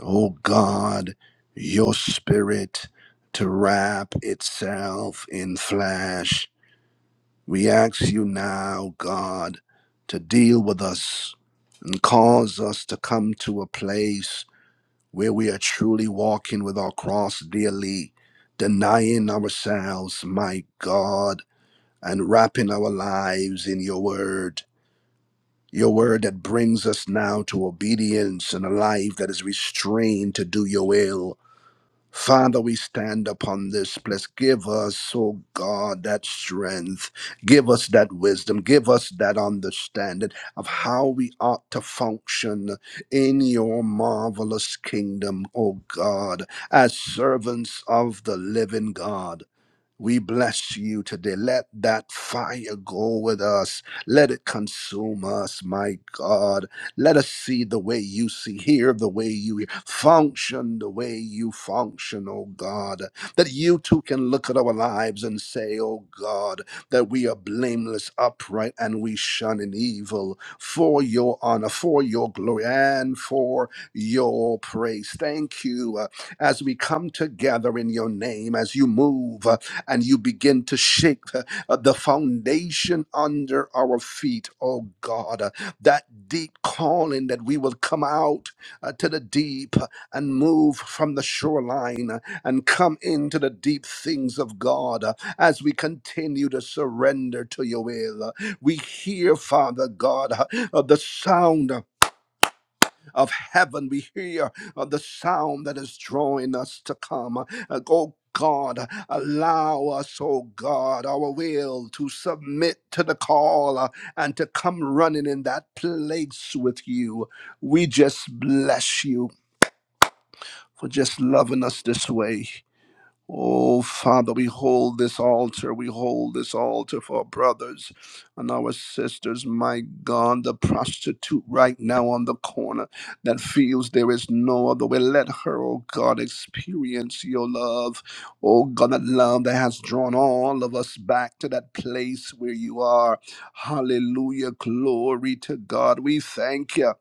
Speaker 1: O God, your spirit to wrap itself in flesh. We ask you now, God, to deal with us and cause us to come to a place where we are truly walking with our cross daily, denying ourselves, my God, and wrapping our lives in your word. Your word that brings us now to obedience and a life that is restrained to do your will. Father, we stand upon this place. Give us, oh God, that strength. Give us that wisdom. Give us that understanding of how we ought to function in your marvelous kingdom, oh God, as servants of the living God. We bless you today. Let that fire go with us. Let it consume us, my God. Let us see the way you see, hear the way you hear, function the way you function, oh God. That you too can look at our lives and say, oh God, that we are blameless, upright, and we shun in evil for your honor, for your glory, and for your praise. Thank you uh, as we come together in your name, as you move. uh, and you begin to shake the, uh, the foundation under our feet, oh God. Uh, that deep calling that we will come out uh, to the deep uh, and move from the shoreline uh, and come into the deep things of God uh, as we continue to surrender to your will. Uh, we hear, Father God, uh, uh, the sound. uh, of heaven. We hear uh, the sound that is drawing us to come. Uh, go God, uh, allow us, oh God, our will to submit to the call uh, and to come running in that place with you. We just bless you for just loving us this way. Oh, Father, we hold this altar. We hold this altar for our brothers and our sisters. My God, the prostitute right now on the corner that feels there is no other way. Let her, oh God, experience your love. Oh God, that love that has drawn all of us back to that place where you are. Hallelujah. Glory to God. We thank you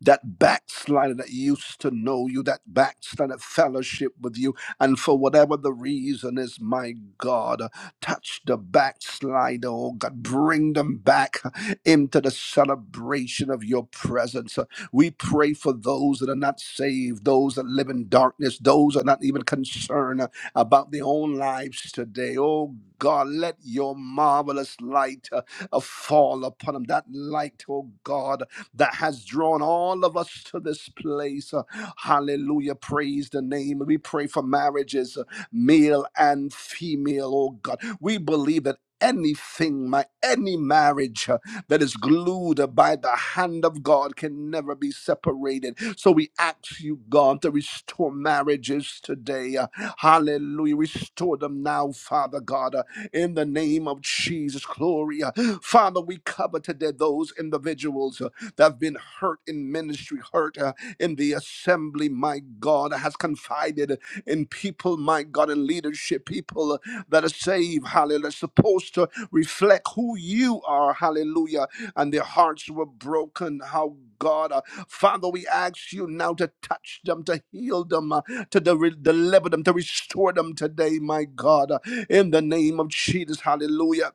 Speaker 1: that backslider that used to know you, that backslider fellowship with you, and for whatever the reason is, my God, touch the backslider, oh God, bring them back into the celebration of your presence. We pray for those that are not saved, those that live in darkness, those that are not even concerned about their own lives today. Oh God, let your marvelous light uh, uh, fall upon them. That light, oh God, that has drawn all of us to this place. Uh, Hallelujah. Praise the name. We pray for marriages, uh, male and female, oh God. We believe that. Anything, my any marriage uh, that is glued by the hand of God can never be separated. So we ask you, God, to restore marriages today. Uh, Hallelujah. Restore them now, Father God, uh, in the name of Jesus. Glory. Uh, Father, we cover today those individuals that have been hurt in ministry, hurt uh, in the assembly, my God, has confided in people, my God, in leadership, people uh, that are saved, hallelujah, supposed to reflect who you are, hallelujah, and their hearts were broken, how God, uh, Father, we ask you now to touch them, to heal them, uh, to de- deliver them, to restore them today, my God, uh, in the name of Jesus, hallelujah.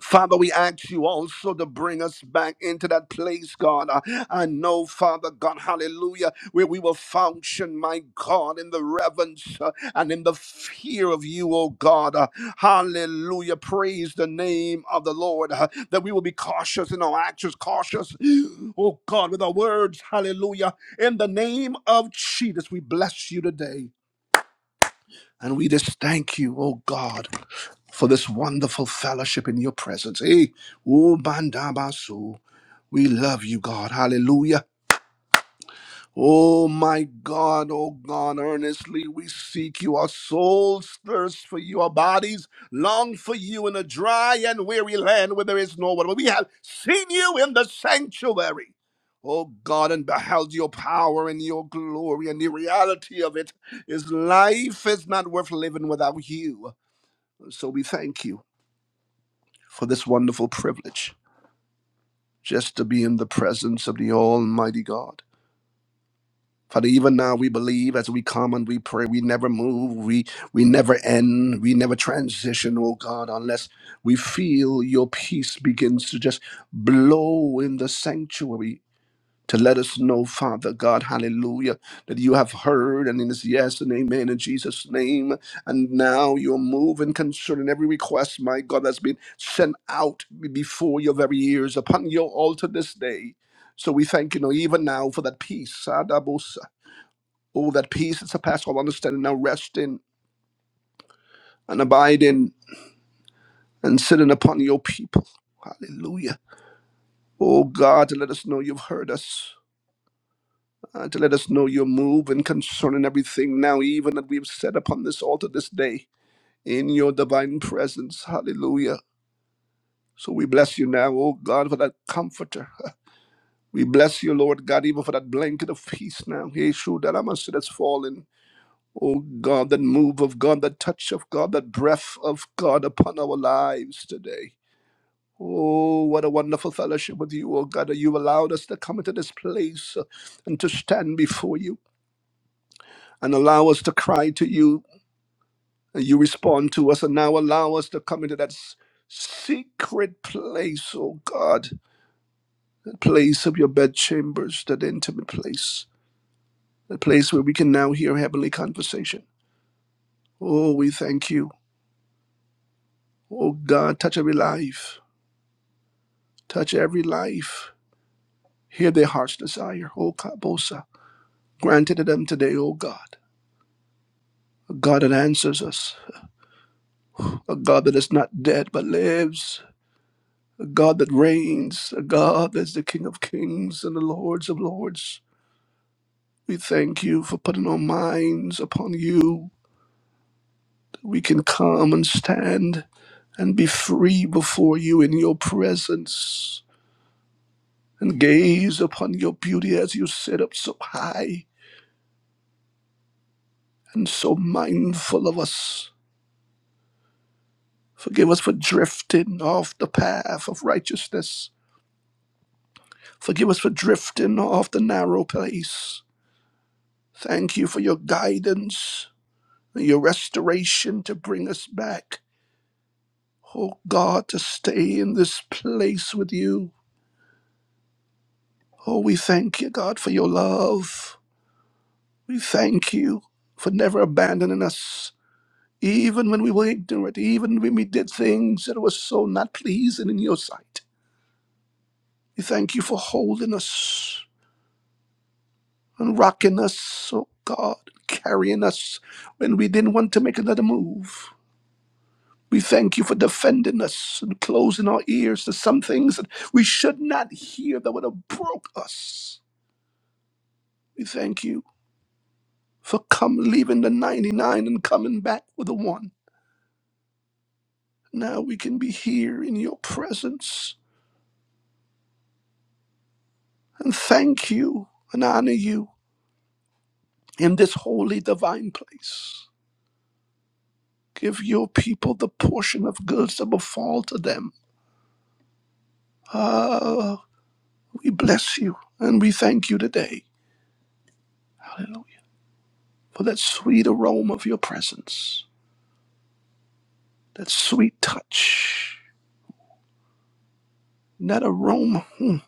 Speaker 1: Father, we ask you also to bring us back into that place, God. Uh, I know, Father God, hallelujah, where we will function, my God, in the reverence uh, and in the fear of you, oh God. Uh, Hallelujah. Praise the name of the Lord. uh, That we will be cautious in our actions, cautious, oh God, with our words. Hallelujah. In the name of Jesus, we bless you today. And we just thank you, oh God, for this wonderful fellowship in your presence. Hey, oh Bandabasu, we love you, God. Hallelujah. Oh my God, oh God, earnestly we seek you. Our souls thirst for you, our bodies long for you in a dry and weary land where there is no water. We have seen you in the sanctuary. Oh God, and beheld your power and your glory, and the reality of it is life is not worth living without you. So we thank you for this wonderful privilege just to be in the presence of the Almighty God. Father, even now we believe as we come and we pray, we never move, we, we never end, we never transition, oh God, unless we feel your peace begins to just blow in the sanctuary to let us know, Father God, hallelujah, that you have heard and it is yes and amen in Jesus' name. And now you're moving concerning every request, my God, that's been sent out before your very ears upon your altar this day. So we thank you, Lord, even now for that peace. Adabosa. Oh, that peace that surpasses all understanding now rest in and abide in and sitting upon your people. Hallelujah. Oh God, let us know you've heard us. uh, to let us know your move and concerning everything now, even that we've set upon this altar this day in your divine presence. Hallelujah. So we bless you now, oh God, for that comforter. We bless you, Lord God, even for that blanket of peace now. Yeshua, that must that's fallen. Oh God, that move of God, that touch of God, that breath of God upon our lives today. Oh, what a wonderful fellowship with you, oh God, that you allowed us to come into this place uh, and to stand before you and allow us to cry to you You respond to us and now allow us to come into that s- secret place, oh God, that place of your bedchambers, that intimate place, that place where we can now hear heavenly conversation. Oh, we thank you. Oh God, touch every life, touch every life. Hear their heart's desire, oh Kabosa. Grant it to them today, oh God. A God that answers us, a God that is not dead but lives, a God that reigns, a God that's the King of kings and the Lords of lords. We thank you for putting our minds upon you, that we can come and stand and be free before you in your presence and gaze upon your beauty as you sit up so high and so mindful of us. Forgive us for drifting off the path of righteousness. Forgive us for drifting off the narrow place. Thank you for your guidance and your restoration to bring us back. oh God, to stay in this place with you. Oh, we thank you, God, for your love. We thank you for never abandoning us, even when we were ignorant, even when we did things that were so not pleasing in your sight. We thank you for holding us and rocking us, oh God, carrying us when we didn't want to make another move. We thank you for defending us and closing our ears to some things that we should not hear that would have broke us. We thank you for come leaving the 99 and coming back with the one. Now we can be here in your presence and thank you and honor you in this holy divine place. Give your people the portion of goods that will fall to them. Ah, we bless you and we thank you today. Hallelujah. For that sweet aroma of your presence, that sweet touch, that aroma hmm,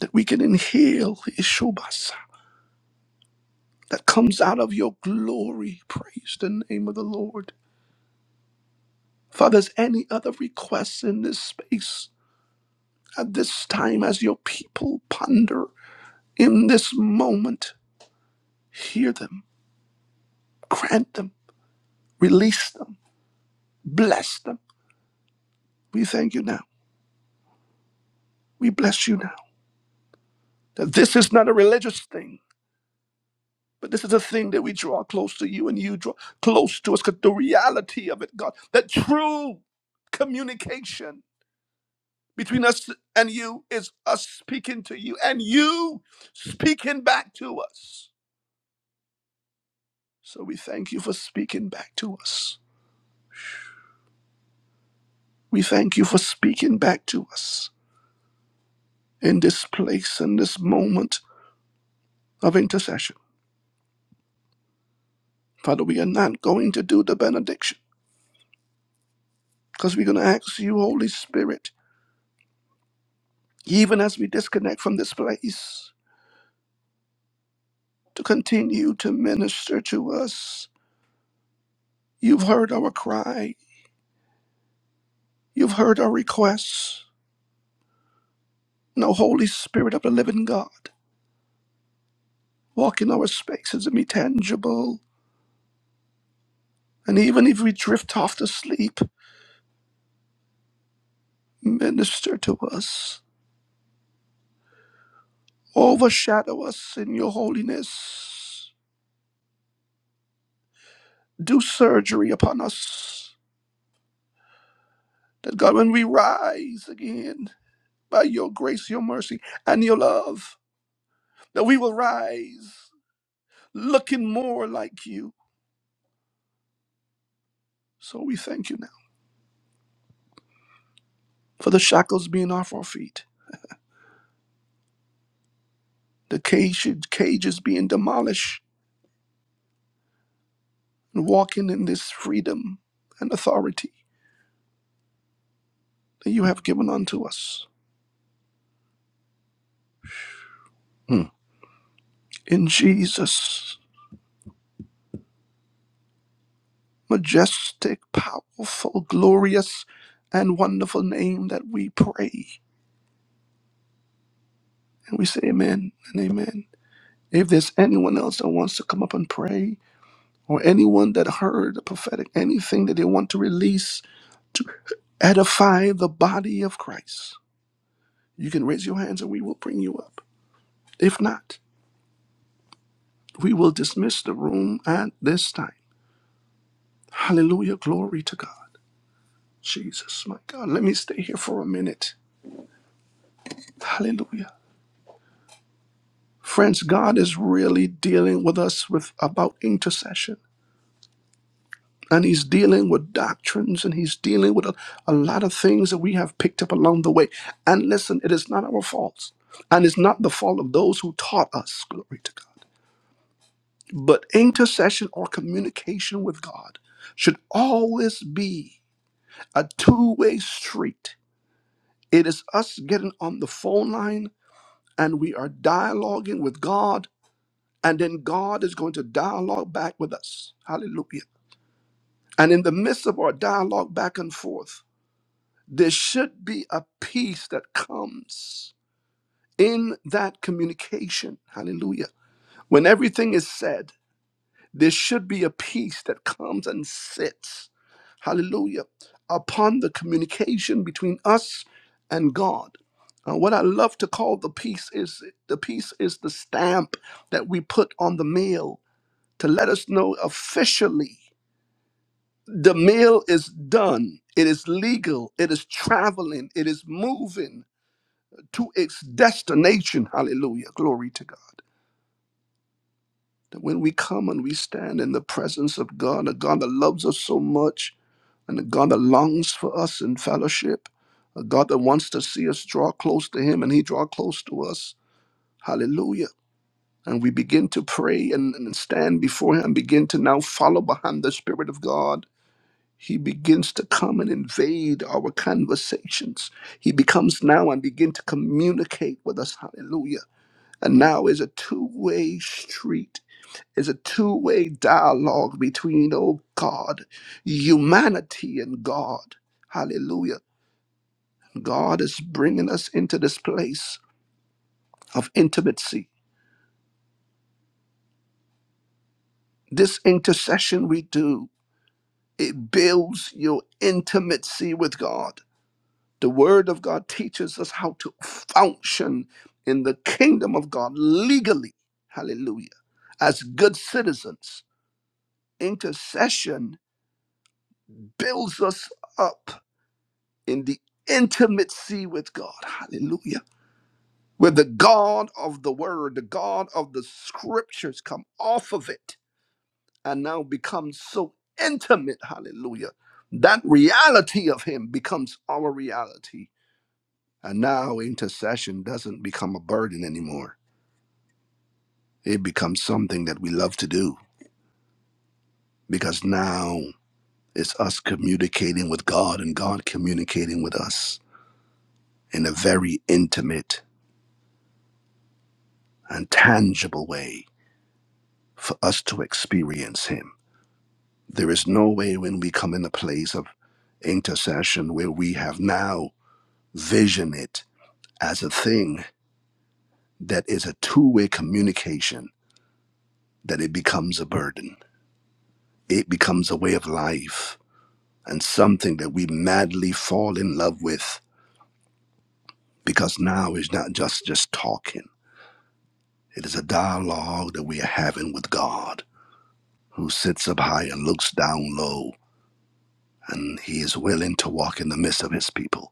Speaker 1: that we can inhale. Ishubasa that comes out of your glory. Praise the name of the Lord. Father, is any other requests in this space at this time as your people ponder in this moment? Hear them, grant them, release them, bless them. We thank you now. We bless you now. That this is not a religious thing, but this is a thing that we draw close to you and you draw close to us. Because the reality of it, God, that true communication between us and you is us speaking to you and you speaking back to us. So we thank you for speaking back to us. We thank you for speaking back to us in this place, in this moment of intercession. Father, we are not going to do the benediction because we're going to ask you, Holy Spirit, even as we disconnect from this place, to continue to minister to us. You've heard our cry, you've heard our requests. No Holy Spirit of the living God walk in our spaces and be tangible. And even if we drift off to sleep, minister to us. Overshadow us in your holiness. Do surgery upon us. That God, when we rise again by your grace, your mercy, and your love, that we will rise looking more like you. So we thank you now for the shackles being off our feet, the cage- cages being demolished, and walking in this freedom and authority that you have given unto us. Hmm. In Jesus' majestic, powerful, glorious, and wonderful name that we pray. And we say amen and amen. If there's anyone else that wants to come up and pray, or anyone that heard the prophetic, anything that they want to release, edify the body of Christ, you can raise your hands and we will bring you up. If not, we will dismiss the room at this time. Hallelujah. Glory to God. Jesus, my God. Let me stay here for a minute. Hallelujah. Friends, God is really dealing with us with about intercession. And he's dealing with doctrines and he's dealing with a, a lot of things that we have picked up along the way. And listen, it is not our fault. And it's not the fault of those who taught us. Glory to God. But intercession or communication with God should always be a two way street. It is us getting on the phone line and we are dialoguing with God, and then God is going to dialogue back with us. Hallelujah. And in the midst of our dialogue back and forth, there should be a peace that comes in that communication. Hallelujah. When everything is said, there should be a peace that comes and sits hallelujah, upon the communication between us and God. Uh, what I love to call the peace is the peace is the stamp that we put on the mail to let us know officially the mail is done. It is legal. It is traveling. It is moving to its destination. Hallelujah. Glory to God. That when we come and we stand in the presence of God, a God that loves us so much, and a God that longs for us in fellowship, a God that wants to see us draw close to Him and He draw close to us. Hallelujah. And we begin to pray and, and stand before Him, begin to now follow behind the Spirit of God. He begins to come and invade our conversations. He becomes now and begin to communicate with us. Hallelujah. And now is a two-way street it's a two way dialogue between, oh God, humanity and God. Hallelujah. God is bringing us into this place of intimacy. This intercession we do, it builds your intimacy with God. The Word of God teaches us how to function in the kingdom of God legally. Hallelujah. As good citizens, intercession builds us up in the intimacy with God. Hallelujah. Where the God of the word, the God of the scriptures come off of it and now becomes so intimate. Hallelujah. That reality of Him becomes our reality. And now intercession doesn't become a burden anymore. It becomes something that we love to do because now it's us communicating with God and God communicating with us in a very intimate and tangible way for us to experience Him. There is no way when we come in the place of intercession where we have now vision it as a thing that is a two-way communication that it becomes a burden. It becomes a way of life and something that we madly fall in love with because now it's not just just talking. It is a dialogue that we are having with God who sits up high and looks down low and he is willing to walk in the midst of his people.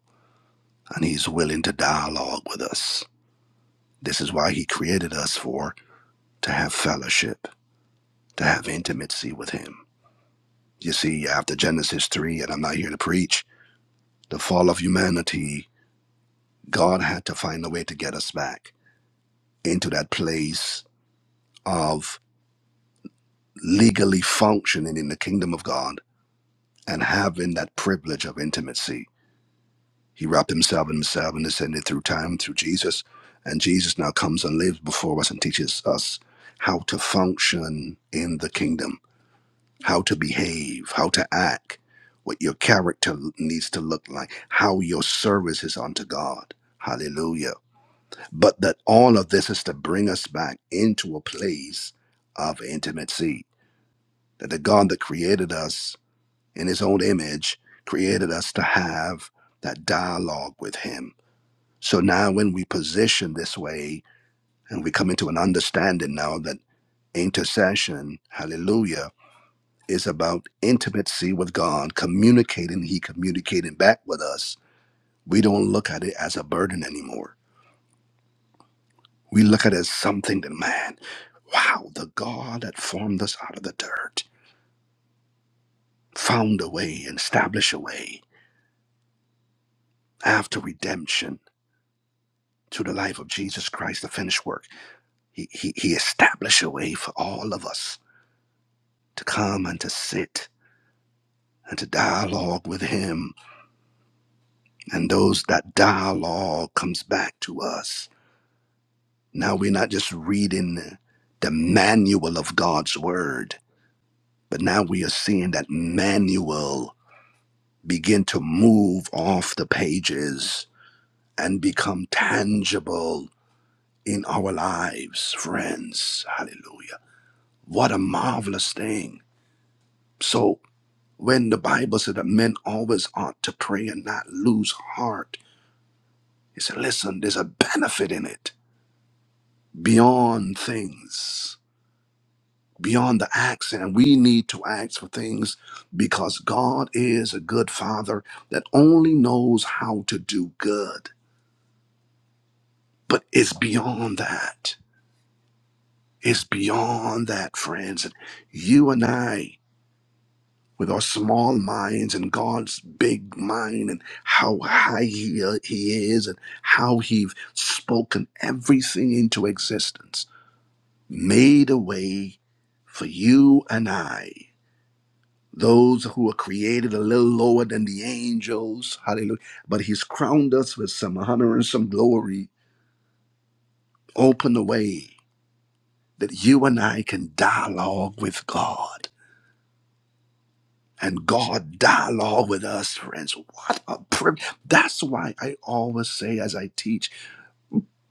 Speaker 1: and he's willing to dialogue with us. This is why he created us for to have fellowship, to have intimacy with him. You see, after Genesis 3, and I'm not here to preach, the fall of humanity, God had to find a way to get us back into that place of legally functioning in the kingdom of God and having that privilege of intimacy He wrapped himself in himself and descended through time through Jesus. And Jesus now comes and lives before us and teaches us how to function in the kingdom, how to behave, how to act, what your character needs to look like, how your service is unto God. Hallelujah. But that all of this is to bring us back into a place of intimacy. That the God that created us in his own image created us to have that dialogue with him so now, when we position this way and we come into an understanding now that intercession, hallelujah, is about intimacy with God, communicating, He communicating back with us, we don't look at it as a burden anymore. We look at it as something that, man, wow, the God that formed us out of the dirt found a way, and established a way after redemption through the life of Jesus Christ, the finished work. He, he, he established a way for all of us to come and to sit and to dialogue with him. And those that dialogue comes back to us. Now we're not just reading the manual of God's word, but now we are seeing that manual begin to move off the pages and become tangible in our lives, friends. Hallelujah. What a marvelous thing. So when the Bible said that men always ought to pray and not lose heart, it said, listen, there's a benefit in it beyond things, beyond the acts. And we need to ask for things because God is a good father that only knows how to do good. But it's beyond that. It's beyond that, friends. And you and I, with our small minds and God's big mind and how high he, uh, he is and how he's spoken everything into existence, made a way for you and I those who were created a little lower than the angels. Hallelujah. But he's crowned us with some honor and some glory. Open the way that you and I can dialogue with God. And God dialogue with us, friends. What a privilege. That's why I always say as I teach,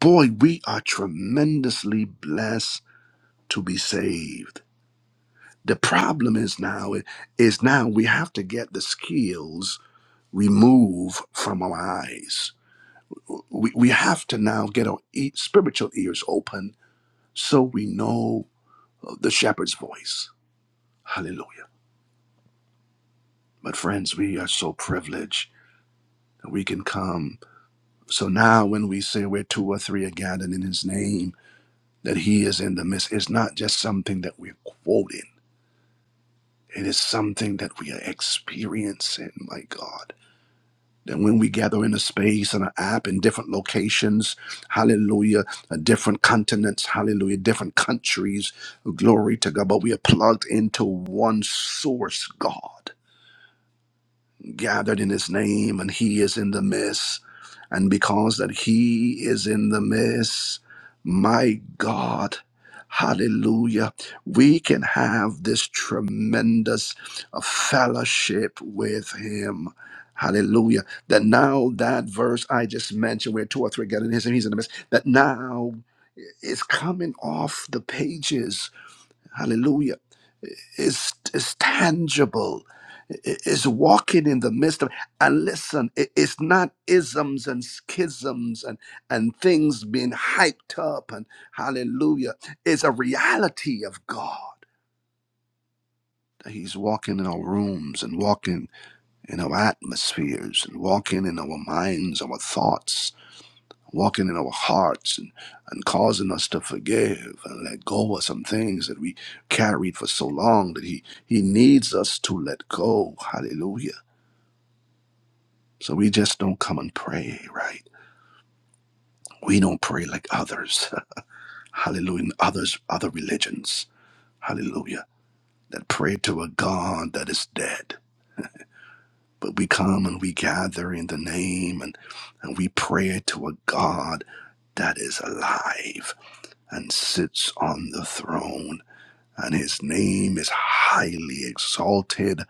Speaker 1: boy, we are tremendously blessed to be saved. The problem is now is now we have to get the skills removed from our eyes we, we have to now get our e- spiritual ears open so we know uh, the shepherd's voice. Hallelujah. But friends, we are so privileged that we can come. So now when we say we're two or three are gathered in his name, that he is in the midst, it's not just something that we're quoting. It is something that we are experiencing, my God. That when we gather in a space and an app in different locations, hallelujah, uh, different continents, hallelujah, different countries, glory to God. But we are plugged into one source, God, gathered in His name, and He is in the midst. And because that He is in the midst, my God, hallelujah, we can have this tremendous uh, fellowship with Him. Hallelujah. That now that verse I just mentioned, where two or three get in his, and he's in the midst, that now is coming off the pages. Hallelujah is is tangible i- is walking in the midst of and listen i- it's not isms and schisms and and things being hyped up and hallelujah it's a reality of god that he's walking in our rooms and walking in our atmospheres and walking in our minds our thoughts walking in our hearts and, and causing us to forgive and let go of some things that we carried for so long that he, he needs us to let go. Hallelujah. So we just don't come and pray, right? We don't pray like others. Hallelujah. And Others, other religions. Hallelujah. That pray to a God that is dead. But we come and we gather in the name and, and we pray to a God that is alive and sits on the throne and his name is highly exalted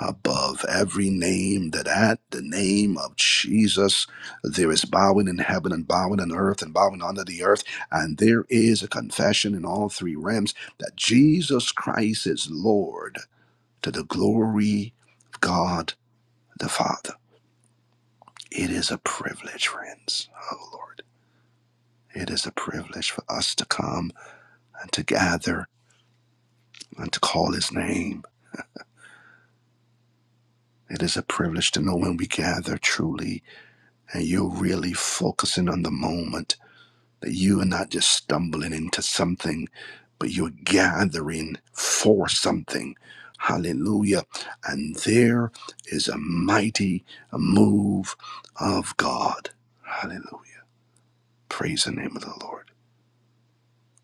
Speaker 1: above every name that at the name of Jesus there is bowing in heaven and bowing on earth and bowing under the earth and there is a confession in all three realms that Jesus Christ is Lord to the glory of God the Father it is a privilege friends oh lord it is a privilege for us to come and to gather and to call his name It is a privilege to know when we gather truly and you're really focusing on the moment, that you are not just stumbling into something, but you're gathering for something. Hallelujah. And there is a mighty move of God. Hallelujah. Praise the name of the Lord.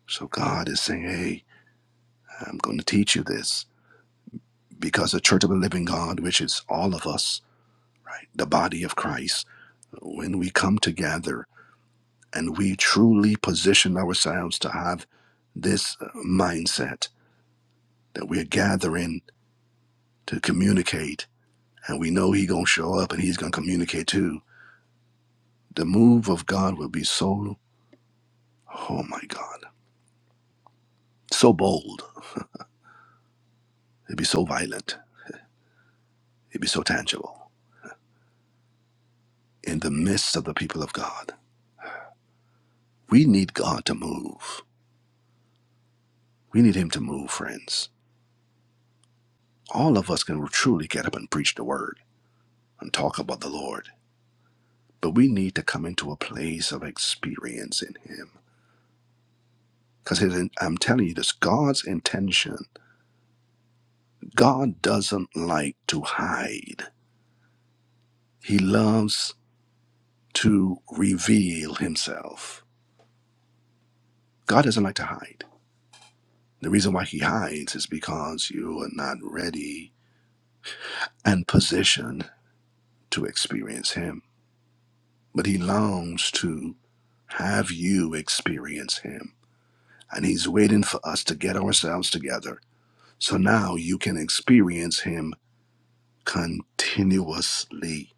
Speaker 1: So God is saying, hey, I'm going to teach you this because the church of the living God, which is all of us, right? The body of Christ, when we come together. and we truly position ourselves to have this uh, mindset that we're gathering to communicate and we know he gonna show up and he's gonna communicate too the move of god will be so oh my god so bold it'd be so violent it'd be so tangible in the midst of the people of god we need god to move we need him to move friends all of us can truly get up and preach the word and talk about the lord But we need to come into a place of experience in Him. Because I'm telling you this God's intention, God doesn't like to hide, He loves to reveal Himself. God doesn't like to hide. The reason why He hides is because you are not ready and positioned to experience Him. But He longs to have you experience him. And he's waiting for us to get ourselves together. So now you can experience him continuously.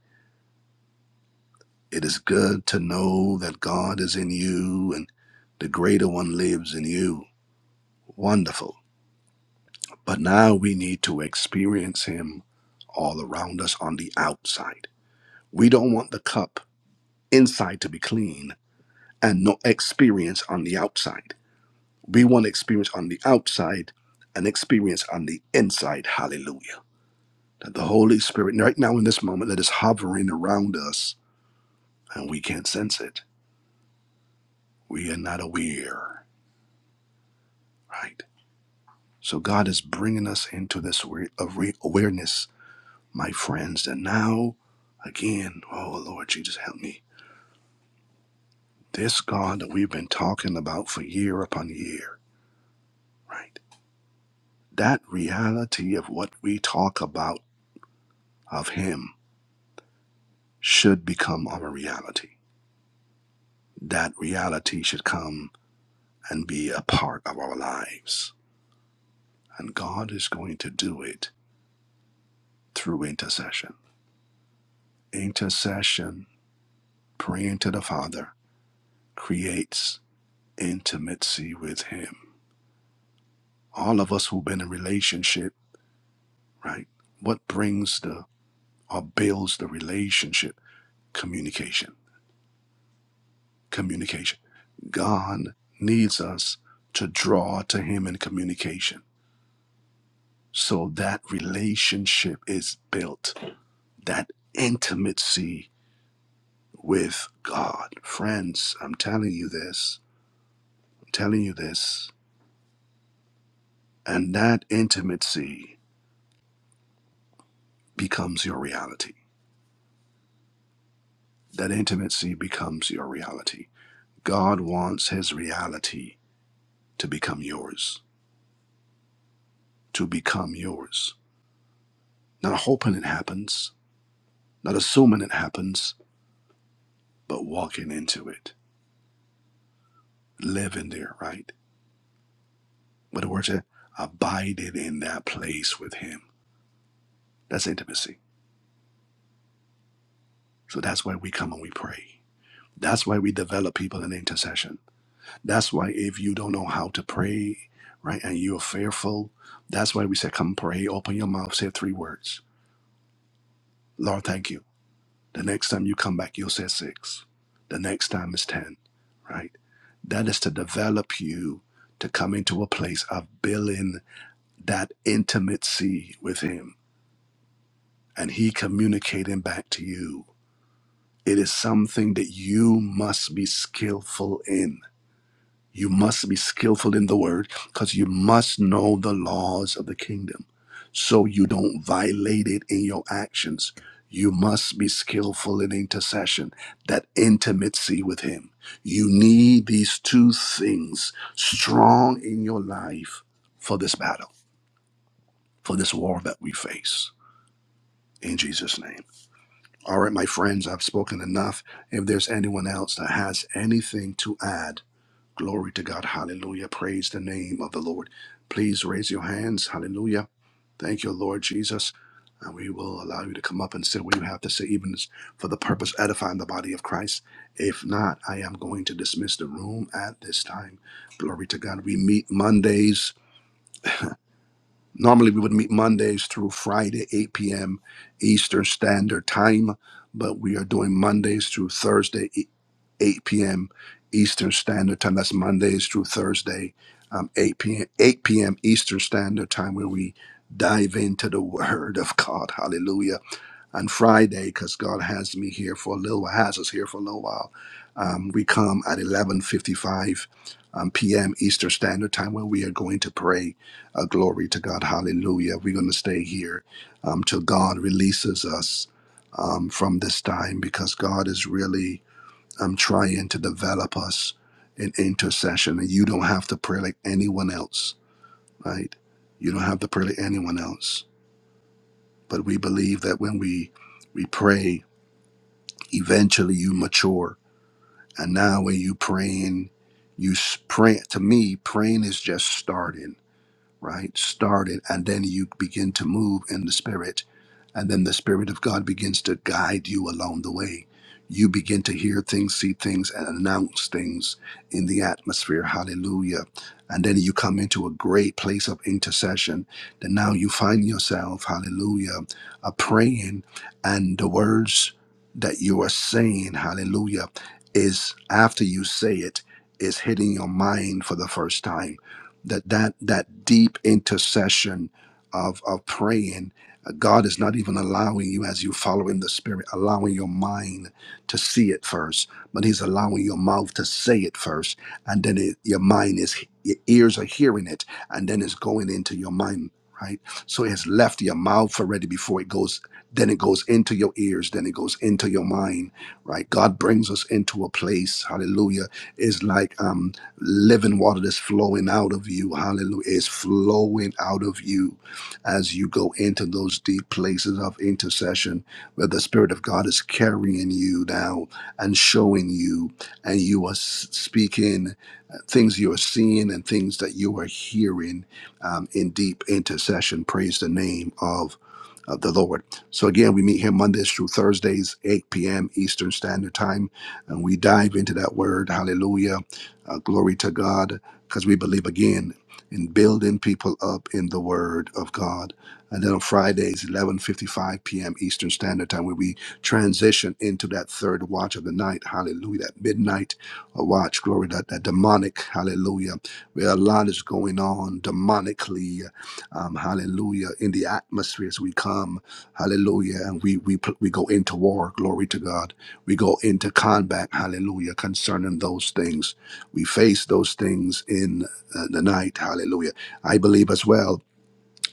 Speaker 1: It is good to know that God is in you and the greater one lives in you. Wonderful. But now we need to experience Him all around us on the outside. We don't want the cup inside to be clean and no experience on the outside. We want experience on the outside and experience on the inside. Hallelujah. That the Holy Spirit, right now in this moment, that is hovering around us and we can't sense it We are not aware, right? So God is bringing us into this awareness, my friends, And now, again, oh Lord Jesus, help me. This God that we've been talking about for year upon year, right? That reality of what we talk about of Him should become our reality. That reality should come and be a part of our lives. And God is going to do it through intercession. Intercession praying to the Father creates intimacy with Him. All of us who've been in relationship, right? What brings the or builds the relationship? Communication. Communication. God needs us to draw to Him in communication. So that relationship is built, that intimacy with God. Friends, I'm telling you this, I'm telling you this. And that intimacy becomes your reality. That intimacy becomes your reality. God wants his reality to become yours, to become yours. Not hoping it happens, not assuming it happens, but walking into it, living there, right? But we're to abide in that place with him. That's intimacy. So that's why we come and we pray. That's why we develop people in intercession. That's why if you don't know how to pray, right, and you're fearful, that's why we say, come pray, open your mouth, say three words. Lord, thank you. The next time you come back, you'll say six. The next time is 10, right? That is to develop you to come into a place of building that intimacy with Him and He communicating back to you. It is something that you must be skillful in You must be skillful in the word because you must know the laws of the kingdom so you don't violate it in your actions. You must be skillful in intercession, that intimacy with Him. You need these two things strong in your life for this battle, for this war that we face. In Jesus' name. All right, my friends, I've spoken enough. If there's anyone else that has anything to add, Glory to God. Hallelujah. Praise the name of the Lord. Please raise your hands. Hallelujah. Thank you, Lord Jesus. And we will allow you to come up and say what you have to say, even for the purpose of edifying the body of Christ. If not, I am going to dismiss the room at this time. Glory to God. We meet Mondays Normally, we would meet Mondays through Friday, 8 p.m. Eastern Standard Time, but we are doing Mondays through Thursday, e- 8 p.m. Eastern Standard Time. That's Mondays through Thursday, um, 8 p.m. 8 p.m. Eastern Standard Time, where we dive into the Word of God. Hallelujah on Friday because God has me here for a little while, has us here for a little while. Um, we come at 11:55 um, p.m. Eastern Standard Time where we are going to pray. Uh, glory to God, Hallelujah! We're going to stay here um, till God releases us um, from this time because God is really um, trying to develop us in intercession, and you don't have to pray like anyone else, right? You don't have to pray like anyone else, but we believe that when we we pray Eventually, you mature, and now when you praying, you s- pray. To me, praying is just starting right? start it, and then you begin to move in the Spirit, and then the Spirit of God begins to guide you along the way. You begin to hear things, see things, and announce things in the atmosphere. Hallelujah. And then you come into a great place of intercession. Then now you find yourself, hallelujah, uh, praying, and the words that you are saying, hallelujah, is after you say it, is hitting your mind for the first time that that that deep intercession of of praying uh, god is not even allowing you as you follow in the spirit allowing your mind to see it first but he's allowing your mouth to say it first and then it, your mind is your ears are hearing it and then it's going into your mind right so it has left your mouth already before it goes then it goes into your ears then it goes into your mind right god brings us into a place hallelujah is like um living water that's flowing out of you. Hallelujah. It's flowing out of you as you go into those deep places of intercession where the Spirit of God is carrying you now and showing you, and you are s- speaking uh, things you are seeing and things that you are hearing um, in deep intercession. Praise the name of. Of the Lord. So again, we meet here Mondays through Thursdays, 8 p.m. Eastern Standard Time, and we dive into that word. Hallelujah uh, glory to God, because we believe again in building people up in the Word of God. And then on Fridays, 11:55 p.m. Eastern Standard Time, where we transition into that third watch of the night. Hallelujah! That midnight uh, watch, glory that that demonic. Hallelujah! Where a lot is going on demonically. Um, hallelujah! In the atmosphere as we come, Hallelujah! And we we pl- we go into war. Glory to God. We go into combat. Hallelujah! Concerning those things. We face those things in uh, the night. Hallelujah. I believe as well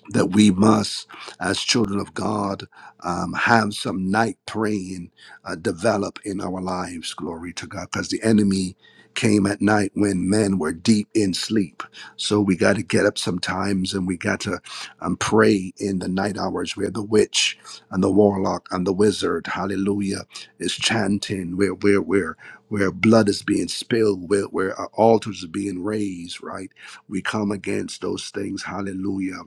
Speaker 1: that we must, as children of God, um, have some night praying uh, develop in our lives. Glory to God. Because the enemy came at night when men were deep in sleep. So we got to get up sometimes and we got to um, pray in the night hours where the witch and the warlock and the wizard, hallelujah, is chanting, where, where, where, where blood is being spilled, where, where uh, altars are being raised, right? We come against those things, hallelujah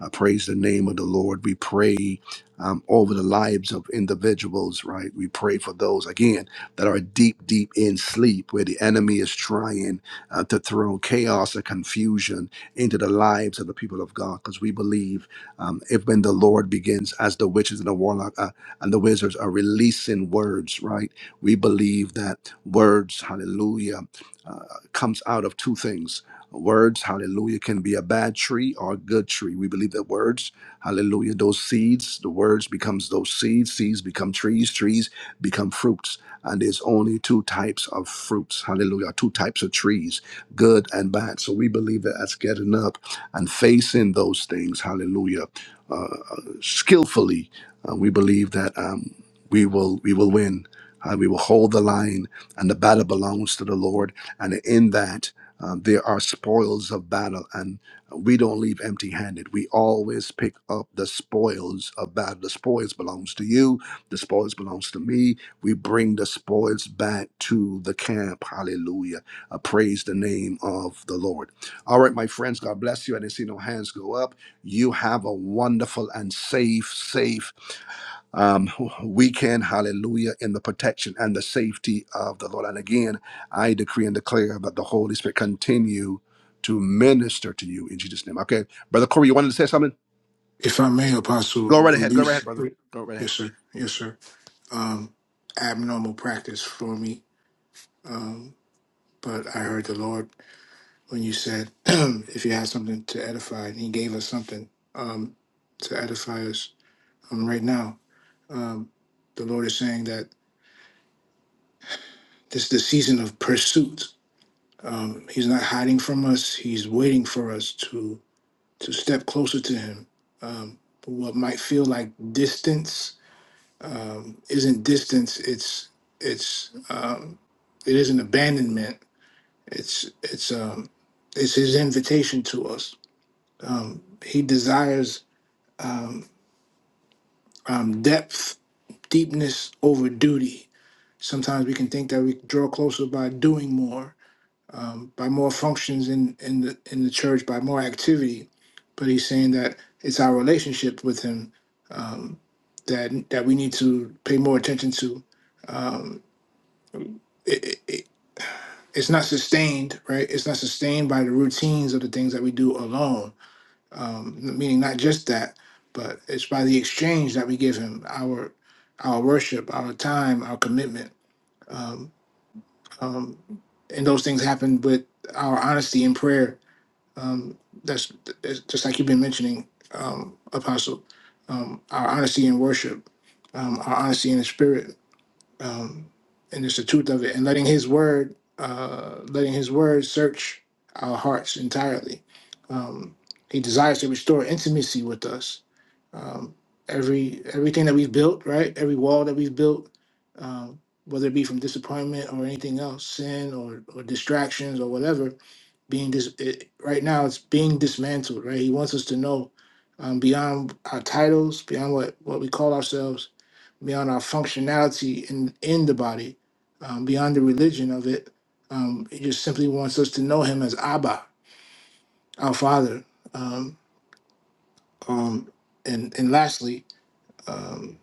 Speaker 1: I praise the name of the Lord. We pray um, over the lives of individuals, right? We pray for those, again, that are deep, deep in sleep, where the enemy is trying uh, to throw chaos and confusion into the lives of the people of God. Because we believe um, if when the Lord begins, as the witches and the warlock uh, and the wizards are releasing words, right? We believe that words, hallelujah, uh, comes out of two things. Words, hallelujah, can be a bad tree or a good tree. We believe that words, hallelujah, those seeds, the words becomes those seeds, seeds become trees, trees become fruits. And there's only two types of fruits, hallelujah, two types of trees, good and bad. So we believe that that's getting up and facing those things, hallelujah, uh, uh, skillfully. Uh, we believe that um, we will we will win. Uh, we will hold the line, and the battle belongs to the Lord. And in that, um, there are spoils of battle, and we don't leave empty-handed. We always pick up the spoils of battle. The spoils belongs to you. The spoils belongs to me. We bring the spoils back to the camp. Hallelujah! Uh, praise the name of the Lord. All right, my friends. God bless you. I didn't see no hands go up. You have a wonderful and safe, safe um, weekend, hallelujah, in the protection and the safety of the Lord. And again, I decree and declare that the Holy Spirit continue to minister to you in Jesus' name. Okay, Brother Corey, you wanted to say something?
Speaker 4: If I may, Apostle,
Speaker 1: Go right ahead. Go right ahead,
Speaker 4: reduce.
Speaker 1: brother. Go right ahead.
Speaker 4: Yes, sir. Yes, sir. Um, abnormal practice for me. Um, but I heard the Lord when you said, if you have something to edify, and He gave us something um, to edify us um, right now. Um, the Lord is saying that this is the season of pursuit Um, he's not hiding from us. He's waiting for us to to step closer to him. Um, what might feel like distance um, isn't distance. It's it's um, it isn't abandonment. It's it's um, it's his invitation to us. Um, he desires uh, um, depth, deepness over duty. Sometimes we can think that we draw closer by doing more, um, by more functions in in the in the church by more activity but he's saying that it's our relationship with him um that that we need to pay more attention to um it, it, it- it's not sustained right it's not sustained by the routines of the things that we do alone um meaning not just that but it's by the exchange that we give him our our worship our time our commitment um um and those things happen with our honesty in prayer um, that's it's just like you've been mentioning, um, Apostle, um, our honesty in worship, um, our honesty in the spirit, um, and just the truth of it, and letting His word, uh, letting His word search our hearts entirely. Um, he desires to restore intimacy with us um, every everything that we've built, right? Every wall that we've built, um, whether it be from disappointment or anything else, sin or or distractions or whatever, being dis- it, right now it's being dismantled, right? He wants us to know um, beyond our titles, beyond what what we call ourselves, beyond our functionality in in the body, um, beyond the religion of it. Um, he just simply wants us to know him as Abba, our Father. Um, um, and and lastly. um,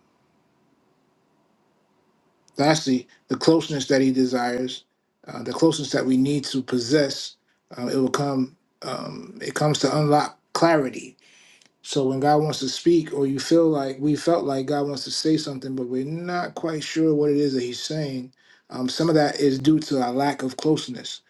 Speaker 4: Lastly, the closeness that he desires, uh, the closeness that we need to possess, uh, it will come. Um, it comes to unlock clarity so when God wants to speak, or you feel like we felt like God wants to say something, but we're not quite sure what it is that He's saying, um, some of that is due to our lack of closeness.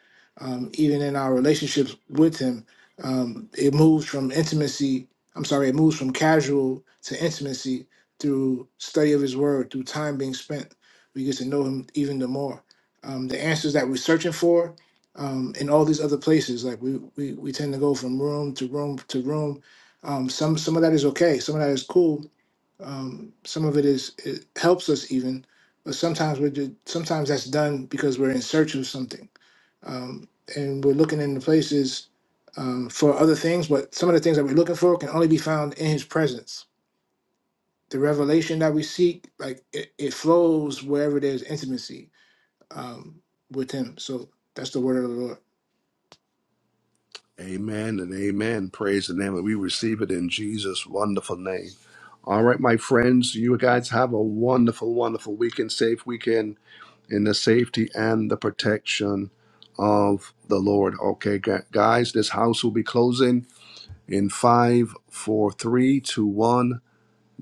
Speaker 4: Um, even in our relationships with Him, um, it moves from intimacy. I'm sorry, it moves from casual to intimacy through study of His Word, through time being spent. We get to know Him even the more. Um, the answers that we're searching for um, in all these other places, like we, we we tend to go from room to room to room um, some some of that is okay. Some of that is cool. Um, some of it is it helps us even, but sometimes we're ju- sometimes that's done because we're in search of something, um, and we're looking into places um, for other things. But some of the things that we're looking for can only be found in His presence. The revelation that we seek, like it, it flows wherever there's intimacy um, with Him. So that's the word of the Lord.
Speaker 1: Amen and amen. Praise the name. We receive it in Jesus' wonderful name. All right, my friends, you guys have a wonderful, wonderful weekend, safe weekend in the safety and the protection of the Lord. Okay, gu- guys, this house will be closing. in five, four, three, two, one.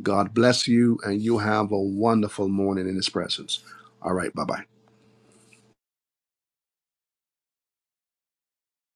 Speaker 1: God bless you, and you have a wonderful morning in His presence. All right, bye bye.